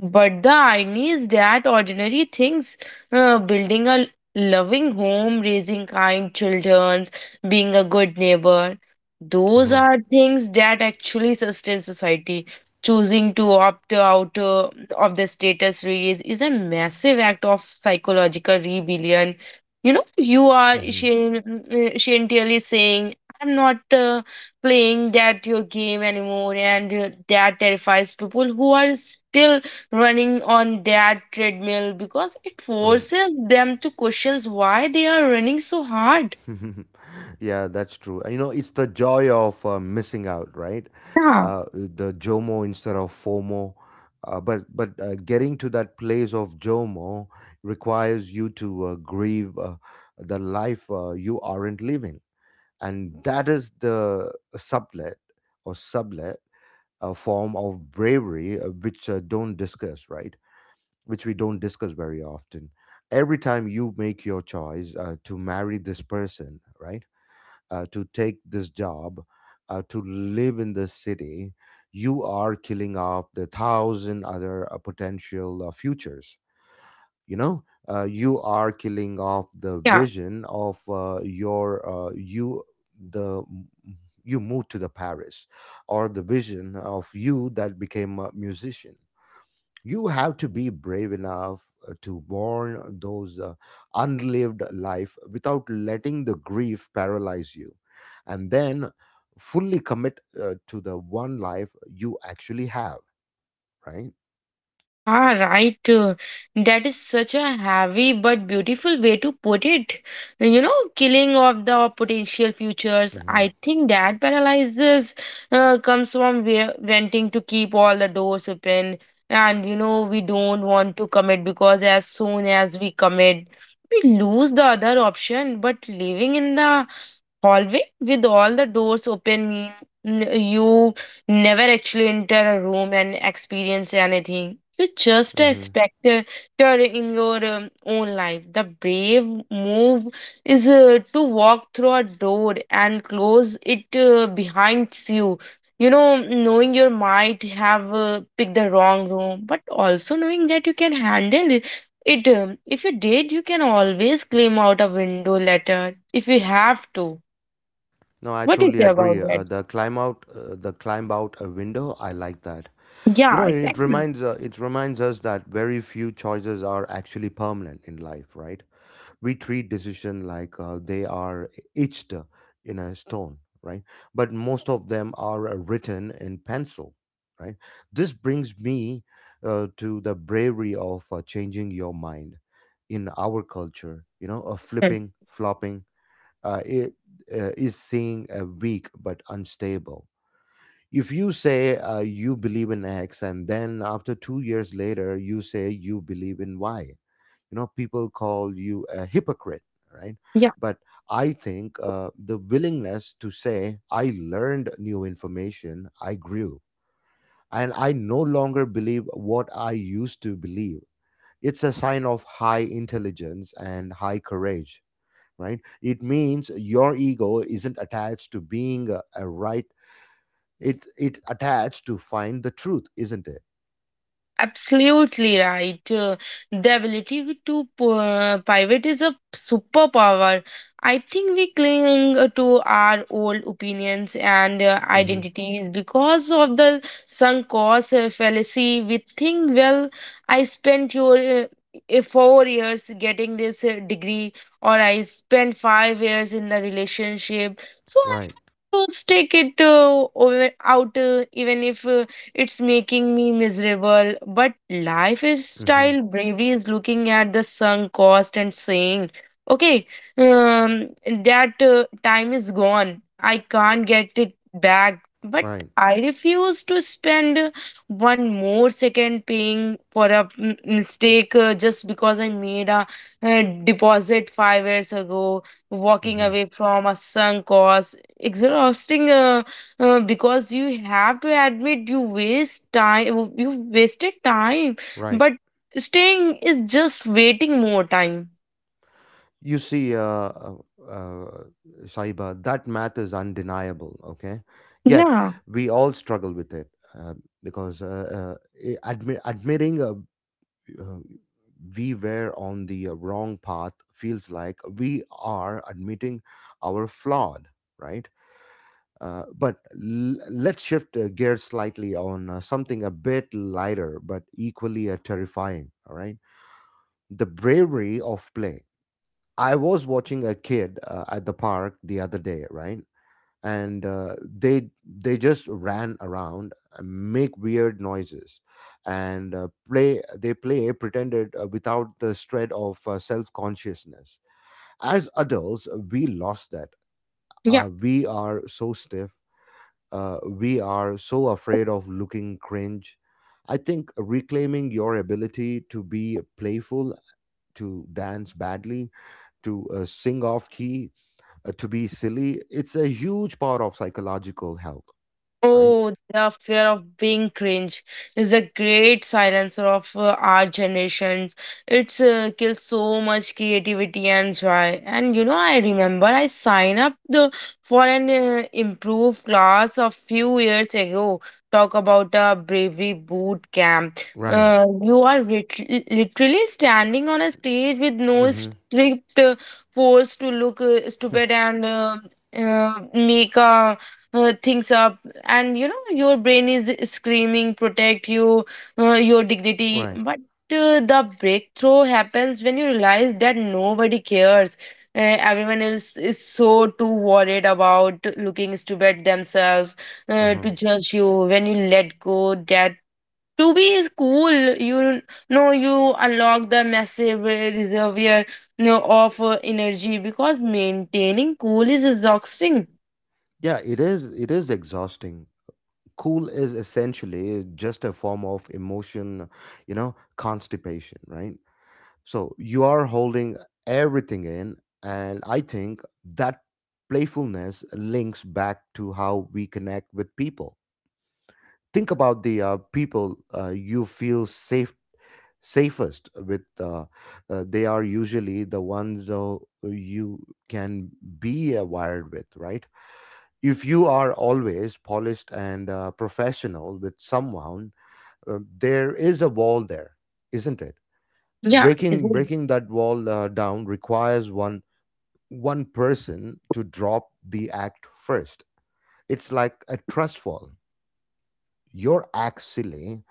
[SPEAKER 2] But the irony is that ordinary things, building a loving home, raising kind children, being a good neighbor, those
[SPEAKER 1] Uh-huh.
[SPEAKER 2] are things that actually sustain society. Choosing to opt out of the status raise is a massive act of psychological rebellion. You know, you are
[SPEAKER 1] Mhm.
[SPEAKER 2] scientifically saying, I'm not playing that your game anymore, and that terrifies people who are still running on their treadmill because it
[SPEAKER 1] Right.
[SPEAKER 2] forces them to question why they are running so hard.
[SPEAKER 1] Yeah, that's true. You know, it's the joy of missing out, right?
[SPEAKER 2] Yeah,
[SPEAKER 1] The JOMO instead of FOMO. But getting to that place of JOMO requires you to grieve the life you aren't living, and that is the sublet or sublet form of bravery, which don't discuss, right? Which we don't discuss very often. Every time you make your choice to marry this person, right, to take this job, to live in this city, you are killing off the thousand other potential futures. You know, you are killing off the
[SPEAKER 2] yeah.
[SPEAKER 1] vision of you, the you moved to the Paris, or the vision of you that became a musician. You have to be brave enough to mourn those unlived life without letting the grief paralyze you, and then fully commit to the one life you actually have, right?
[SPEAKER 2] Yeah, right. That is such a heavy but beautiful way to put it. You know, killing of the potential futures.
[SPEAKER 1] Hmm.
[SPEAKER 2] I think that paralysis comes from wanting to keep all the doors open. And, you know, we don't want to commit because as soon as we commit, we lose the other option. But living in the hallway with all the doors open mean you never actually enter a room and experience anything. You just a
[SPEAKER 1] Hmm.
[SPEAKER 2] spectator in your own life. The brave move is to walk through a door and close it behind you, you know, knowing you might have picked the wrong room, but also knowing that you can handle it. If you did, you can always claim out a window later if you have to.
[SPEAKER 1] No, I
[SPEAKER 2] What do you
[SPEAKER 1] totally
[SPEAKER 2] say about
[SPEAKER 1] agree.
[SPEAKER 2] that?
[SPEAKER 1] The climb out a window, I like that. You
[SPEAKER 2] Yeah,
[SPEAKER 1] know, it
[SPEAKER 2] exactly.
[SPEAKER 1] reminds uh, it reminds us that very few choices are actually permanent in life, right? We treat decision like they are etched in a stone, right? But most of them are written in pencil, right? This brings me to the bravery of changing your mind. In our culture, you know, of
[SPEAKER 2] Yeah.
[SPEAKER 1] flipping flopping, uh, it, is seeing a weak but unstable. If you say you believe in x and then after 2 years later you say you believe in y, you know people call you a hypocrite, right? But I think the willingness to say I learned new information, I grew and I no longer believe what I used to believe, it's a sign of high intelligence and high courage, right? It means your ego isn't attached to being a right. It attached to find the truth, isn't it?
[SPEAKER 2] Absolutely right. The ability to pivot is a superpower. I think we cling to our old opinions and
[SPEAKER 1] Hmm.
[SPEAKER 2] identities because of the sunk cost fallacy. We think, well, I spent your 4 years getting this degree, or I spent 5 years in the relationship, so I
[SPEAKER 1] Right.
[SPEAKER 2] to stick it over, out, even if it's making me miserable. But lifestyle
[SPEAKER 1] Hmm.
[SPEAKER 2] is bravery is looking at the sunk cost and saying, okay, um, that time is gone. I can't get it back. But
[SPEAKER 1] Right.
[SPEAKER 2] I refuse to spend one more second paying for a mistake just because I made a deposit 5 years ago. Walking
[SPEAKER 1] Hmm.
[SPEAKER 2] away from a sunk cost, exhausting. Because you have to admit you wasted time,
[SPEAKER 1] Right.
[SPEAKER 2] but staying is just waiting more time.
[SPEAKER 1] You see, uh, Saiba, that math is undeniable, okay? Yet,
[SPEAKER 2] Yeah,
[SPEAKER 1] we all struggle with it uh, because admitting uh, we were on the wrong path feels like we are admitting our flawed, right? But let's shift gears slightly on something a bit lighter but equally terrifying, all right? The bravery of play. I was watching a kid at the park the other day, right? And they just ran around, and make weird noises, and play. They play pretended without the shred of self consciousness. As adults, we lost that.
[SPEAKER 2] yeah.
[SPEAKER 1] We are so stiff. We are so afraid of looking cringe. I think reclaiming your ability to be playful, to dance badly, to sing off key, to be silly, it's a huge part of psychological health, right?
[SPEAKER 2] Oh, the fear of being cringe is a great silencer of our generations. It's kills so much creativity and joy. And you know, I remember I signed up the, for an improved class a few years ago. Talk about a bravery boot camp.
[SPEAKER 1] Right.
[SPEAKER 2] You are literally standing on a stage with no
[SPEAKER 1] Mm-hmm.
[SPEAKER 2] script, forced to look stupid and make things up. And you know, your brain is screaming protect you, your dignity,
[SPEAKER 1] Right.
[SPEAKER 2] but the breakthrough happens when you realize that nobody cares. Everyone else is so too worried about looking stupid themselves
[SPEAKER 1] Uh-huh.
[SPEAKER 2] to judge you. When you let go, that to be is cool. You know, you unlock the massive reservoir, you know, of energy, because maintaining cool is exhausting.
[SPEAKER 1] Yeah, it is. It is exhausting. Cool is essentially just a form of emotion, you know, constipation, right? So you are holding everything in, and I think that playfulness links back to how we connect with people. Think about the people you feel safest with, they are usually the ones you can be wired with, right? If you are always polished and professional with someone, there is a wall there, isn't it?
[SPEAKER 2] Yeah, is it?
[SPEAKER 1] Breaking that wall down requires one person to drop the act first. It's like a trust fall. Your act silly,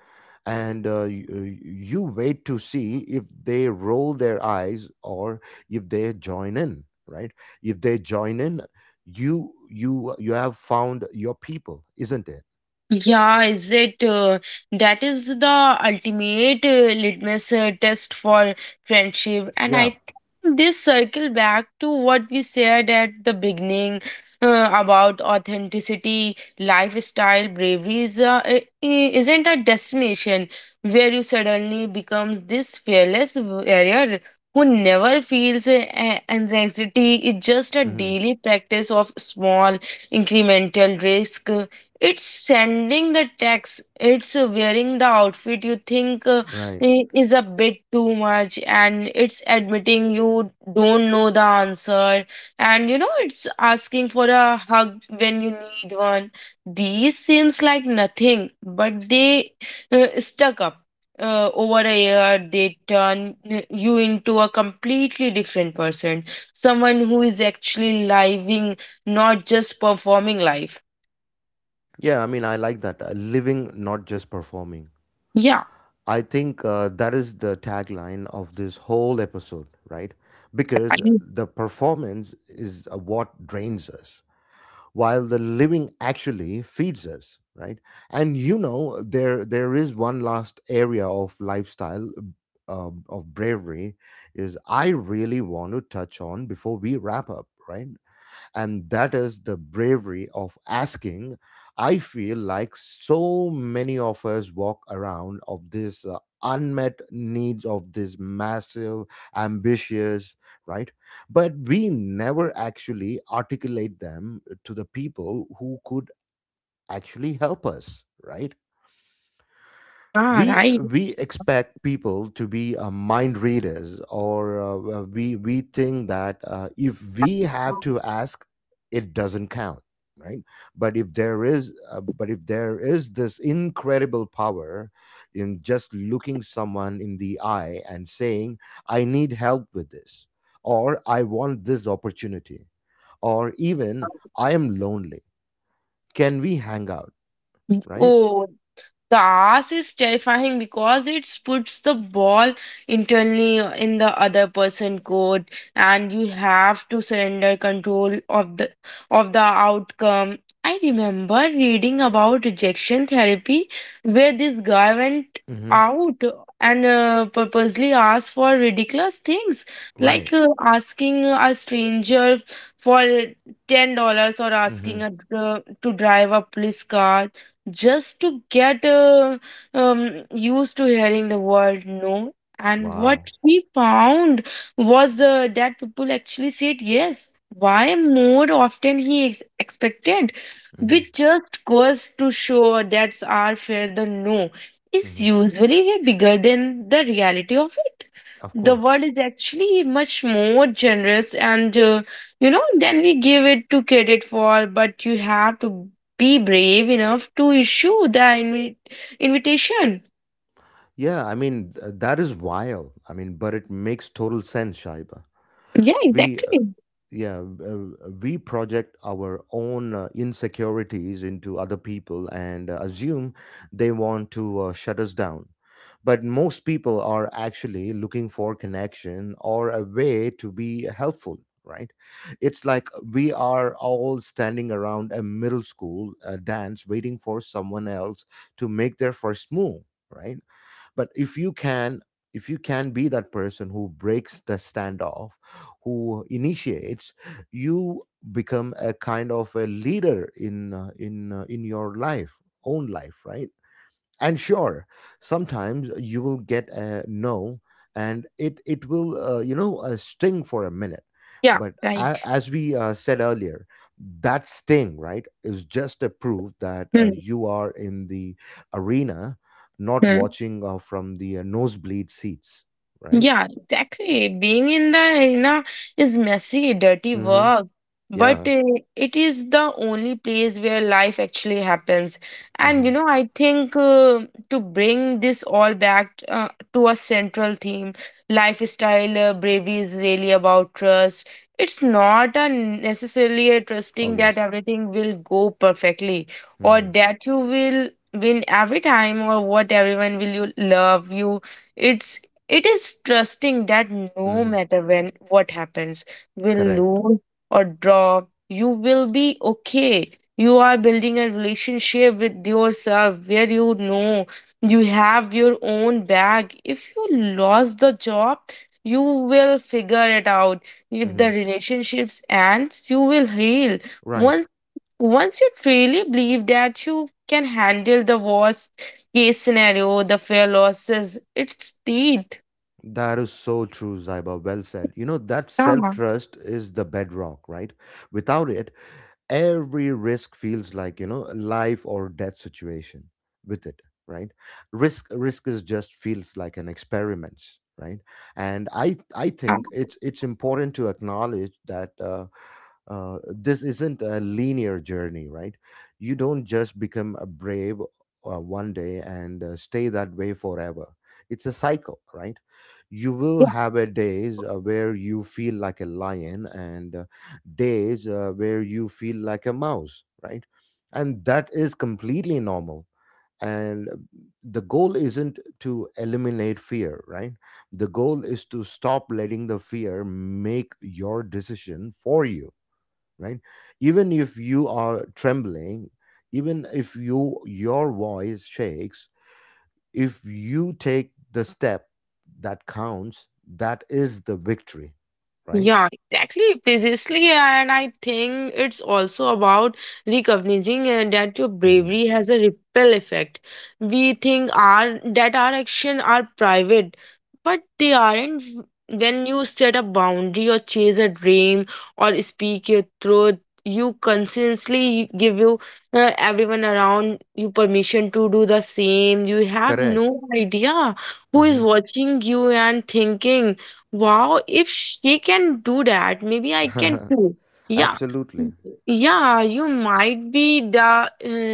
[SPEAKER 1] and you wait to see if they roll their eyes or if they join in, right? If they join in, you have found your people, isn't it?
[SPEAKER 2] Yeah, is it? That is the ultimate litmus test for friendship. And I
[SPEAKER 1] Yeah.
[SPEAKER 2] think this circle back to what we said at the beginning about authenticity. Lifestyle, bravery is isn't a destination where you suddenly becomes this fearless warrior who never feels anxiety. It's just a
[SPEAKER 1] Hmm.
[SPEAKER 2] daily practice of small incremental risk. It's sending the text, it's wearing the outfit you think
[SPEAKER 1] Right.
[SPEAKER 2] is a bit too much, and it's admitting you don't know the answer. And you know, it's asking for a hug when you need one. These seems like nothing, but they stuck up over a year, they turn you into a completely different person, someone who is actually living, not just performing life.
[SPEAKER 1] Yeah, I mean, I like that, living not just performing.
[SPEAKER 2] Yeah.
[SPEAKER 1] I think that is the tagline of this whole episode, right? Because the performance is what drains us while the living actually feeds us, right? And you know, there is one last area of lifestyle of bravery is I really want to touch on before we wrap up, right? And that is the bravery of asking. I feel like so many of us walk around of this unmet needs of this massive ambitious, right? But we never actually articulate them to the people who could actually help us, right?
[SPEAKER 2] Yeah,
[SPEAKER 1] we
[SPEAKER 2] right.
[SPEAKER 1] we expect people to be mind readers, or we think that if we have to ask, it doesn't count, right? But if there is this incredible power in just looking someone in the eye and saying, I need help with this, or I want this opportunity, or even I am lonely, can we hang out, right?
[SPEAKER 2] Oh, the ass is terrifying because it puts the ball internally in the other person court, and you have to surrender control of the outcome. I remember reading about rejection therapy where this guy went
[SPEAKER 1] Hmm.
[SPEAKER 2] out and purposely asked for ridiculous things, like
[SPEAKER 1] Right.
[SPEAKER 2] asking a stranger for $10, or asking
[SPEAKER 1] Hmm.
[SPEAKER 2] to drive a police car, just to get used to hearing the word no. And what
[SPEAKER 1] Wow.
[SPEAKER 2] he found was that people actually said yes. Why more often he expected, which just goes to show that's our fear. The no is
[SPEAKER 1] Hmm.
[SPEAKER 2] usually way bigger than the reality of it.
[SPEAKER 1] Of
[SPEAKER 2] The
[SPEAKER 1] course.
[SPEAKER 2] world is actually much more generous and, you know, than we give it to credit for, but you have to be brave enough to issue the invitation.
[SPEAKER 1] Yeah, I mean, that is wild. I mean, but it makes total sense, Shaiba.
[SPEAKER 2] Yeah,
[SPEAKER 1] We, uh,
[SPEAKER 2] exactly.
[SPEAKER 1] yeah we project our own insecurities into other people and assume they want to shut us down, but most people are actually looking for connection or a way to be helpful, right? It's like we are all standing around a middle school dance waiting for someone else to make their first move, right? But if you can, if you can be that person who breaks the standoff, who initiates, you become a kind of a leader in in your life own life, right? And sure, sometimes you will get a no, and it will sting for a minute.
[SPEAKER 2] Yeah,
[SPEAKER 1] But
[SPEAKER 2] right.
[SPEAKER 1] as we said earlier, that sting, right, is just a proof that
[SPEAKER 2] Hmm.
[SPEAKER 1] you are in the arena, not
[SPEAKER 2] Hmm.
[SPEAKER 1] watching from the nosebleed seats, right?
[SPEAKER 2] Yeah, exactly. Being in the arena is messy, dirty
[SPEAKER 1] Mhm.
[SPEAKER 2] work, but
[SPEAKER 1] Yeah.
[SPEAKER 2] it is the only place where life actually happens. And you
[SPEAKER 1] Mhm.
[SPEAKER 2] know, I think to bring this all back to a central theme, lifestyle bravery is really about trust. It's not a necessarily a
[SPEAKER 1] Oh
[SPEAKER 2] trusting that
[SPEAKER 1] yes.
[SPEAKER 2] everything will go perfectly, or
[SPEAKER 1] Mhm.
[SPEAKER 2] that you will win every time, or what everyone will you love you. It's it is trusting that no
[SPEAKER 1] Mhm.
[SPEAKER 2] matter when what happens, will
[SPEAKER 1] Correct.
[SPEAKER 2] lose or draw, you will be okay. You are building a relationship with yourself where you know you have your own bag. If you lost the job, you will figure it out. If the
[SPEAKER 1] Mhm.
[SPEAKER 2] relationships ends, you will heal.
[SPEAKER 1] Right.
[SPEAKER 2] Once once you truly believe that you can handle the worst case scenario, the fair losses, it's teeth.
[SPEAKER 1] That is so true, Zaiba. Well said. You know, that self
[SPEAKER 2] Yeah,
[SPEAKER 1] trust is the bedrock, right? Without it, every risk feels like, you know, a life or death situation. With it, right? Risk is just feels like an experiment, right? And I
[SPEAKER 2] yeah.
[SPEAKER 1] think it's important to acknowledge that this isn't a linear journey, right? You don't just become a brave one day and stay that way forever. It's a cycle, right? You will have a days where you feel like a lion, and days where you feel like a mouse, right? And that is completely normal. And the goal isn't to eliminate fear, right? The goal is to stop letting the fear make your decision for you, right? Even if you are trembling, even if you your voice shakes, if you take the step, that counts. That is the victory, right?
[SPEAKER 2] Yeah, exactly, precisely. And I think it's also about recognizing that your
[SPEAKER 1] Hmm.
[SPEAKER 2] bravery has a ripple effect. We think our that our action are private, but they aren't. When you set a boundary, or chase a dream, or speak your truth, you consistently give you everyone around you permission to do the same. You have
[SPEAKER 1] Correct.
[SPEAKER 2] no idea who is watching you and thinking, wow, if she can do that, maybe I can too. Yeah.
[SPEAKER 1] Absolutely.
[SPEAKER 2] Yeah, you might be the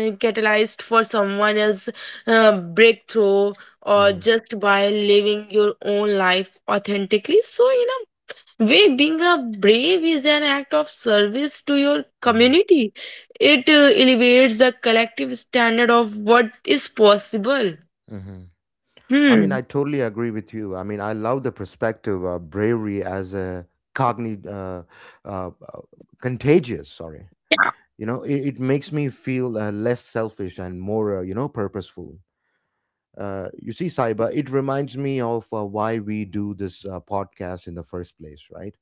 [SPEAKER 2] catalyst for someone else's breakthrough, or
[SPEAKER 1] Hmm.
[SPEAKER 2] just by living your own life authentically. So, you know, way being a brave is an act of service to your
[SPEAKER 1] Hmm.
[SPEAKER 2] community. It elevates the collective standard of what is possible.
[SPEAKER 1] Hmm. I mean,
[SPEAKER 2] Hmm.
[SPEAKER 1] I totally agree with you. I mean, I love the perspective of bravery as a cognitive, uh, uh, contagious, sorry. You know, it makes me feel less selfish and more, you know, purposeful. You see, Saiba, it reminds me of why we do this podcast in the first place, right?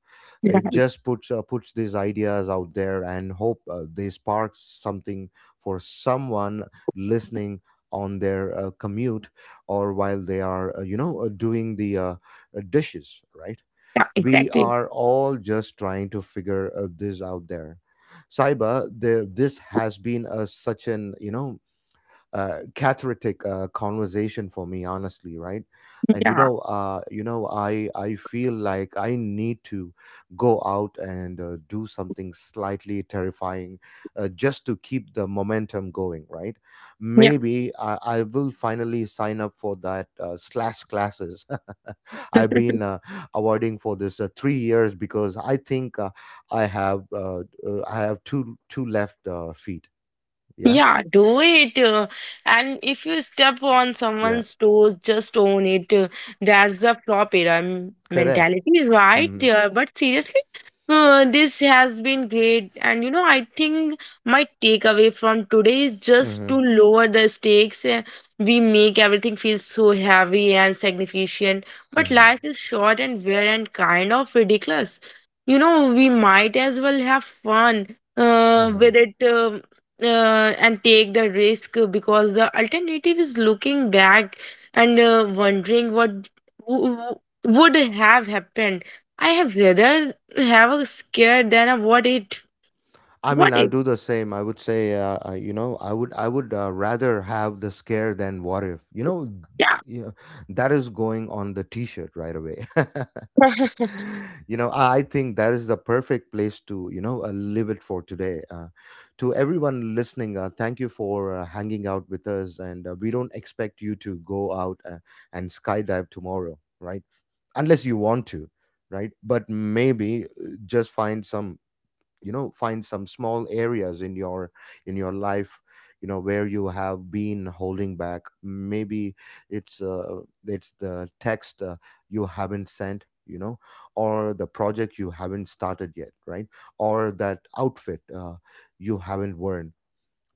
[SPEAKER 1] It just puts these ideas out there and hope they spark something for someone listening on their commute or while they are, you know, doing the dishes, right?
[SPEAKER 2] Yeah,
[SPEAKER 1] We
[SPEAKER 2] exactly.
[SPEAKER 1] are all just trying to figure this out there. Saiba, the, this has been a such an, you know, cathartic conversation for me honestly, right? And you
[SPEAKER 2] Yeah.
[SPEAKER 1] know, I feel like I need to go out and do something slightly terrifying just to keep the momentum going, right?
[SPEAKER 2] Yeah.
[SPEAKER 1] Maybe I will finally sign up for that slash classes. I've been awarding for this 3 years because I think i have uh, I have two left feet. Yeah.
[SPEAKER 2] Yeah, do it. And if you step on
[SPEAKER 1] Yeah.
[SPEAKER 2] someone's toes, just own it. That's the flop era
[SPEAKER 1] Correct.
[SPEAKER 2] mentality right
[SPEAKER 1] Mhm.
[SPEAKER 2] there. But seriously, this has been great. And you know, I think my takeaway from today is just
[SPEAKER 1] Mm-hmm,
[SPEAKER 2] to lower the stakes. We make everything feel so heavy and significant, but
[SPEAKER 1] mm-hmm,
[SPEAKER 2] life is short and weird and kind of ridiculous. You know, we might as well have fun
[SPEAKER 1] mm-hmm.
[SPEAKER 2] with it. And take the risk because the alternative is looking back and wondering what w- w- would have happened. I have rather have a scare than a what it.
[SPEAKER 1] I mean,
[SPEAKER 2] What
[SPEAKER 1] I would
[SPEAKER 2] if?
[SPEAKER 1] do the same. I would say, you know, I would rather have the scare than what if. You know,
[SPEAKER 2] Yeah.
[SPEAKER 1] yeah, that is going on the T-shirt right away. You know, I think that is the perfect place to, you know, live it for today. To everyone listening, thank you for hanging out with us, and we don't expect you to go out and skydive tomorrow, right? Unless you want to, right? But maybe just find some small areas in your, in your life, you know, where you have been holding back. Maybe it's uh, it's the text you haven't sent, you know, or the project you haven't started yet, right? Or that outfit you haven't worn,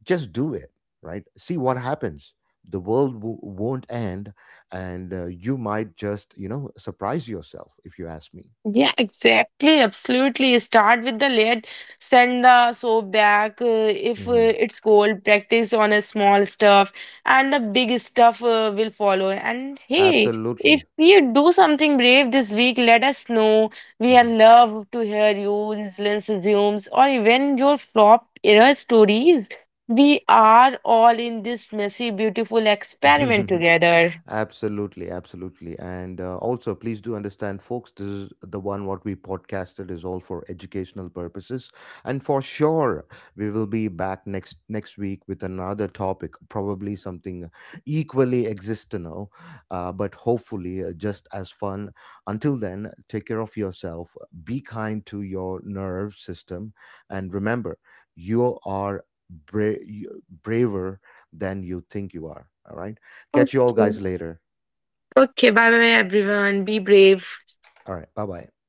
[SPEAKER 1] just do it, right? See what happens. The world won't end, and you might just, you know, surprise yourself if you ask me.
[SPEAKER 2] Yeah, exactly. Absolutely. Start with the lid, send the soap back if
[SPEAKER 1] Hmm.
[SPEAKER 2] it's cold, practice on a small stuff, and the big stuff will follow. And hey, if
[SPEAKER 1] Absolutely.
[SPEAKER 2] you do something brave this week, let us know. We are
[SPEAKER 1] Mhm.
[SPEAKER 2] love to hear your resilience resumes, or even your flop error stories. We are all in this messy, beautiful experiment together.
[SPEAKER 1] Absolutely, absolutely. And also, please do understand, folks, this is the one what we podcasted is all for educational purposes. And for sure, we will be back next week with another topic, probably something equally existential, but hopefully just as fun. Until then, take care of yourself, be kind to your nerve system, and remember, you are bra- braver than you think you are. All right. Catch you all guys
[SPEAKER 2] Okay.
[SPEAKER 1] later.
[SPEAKER 2] Okay, bye bye everyone. Be brave.
[SPEAKER 1] All right. Bye bye.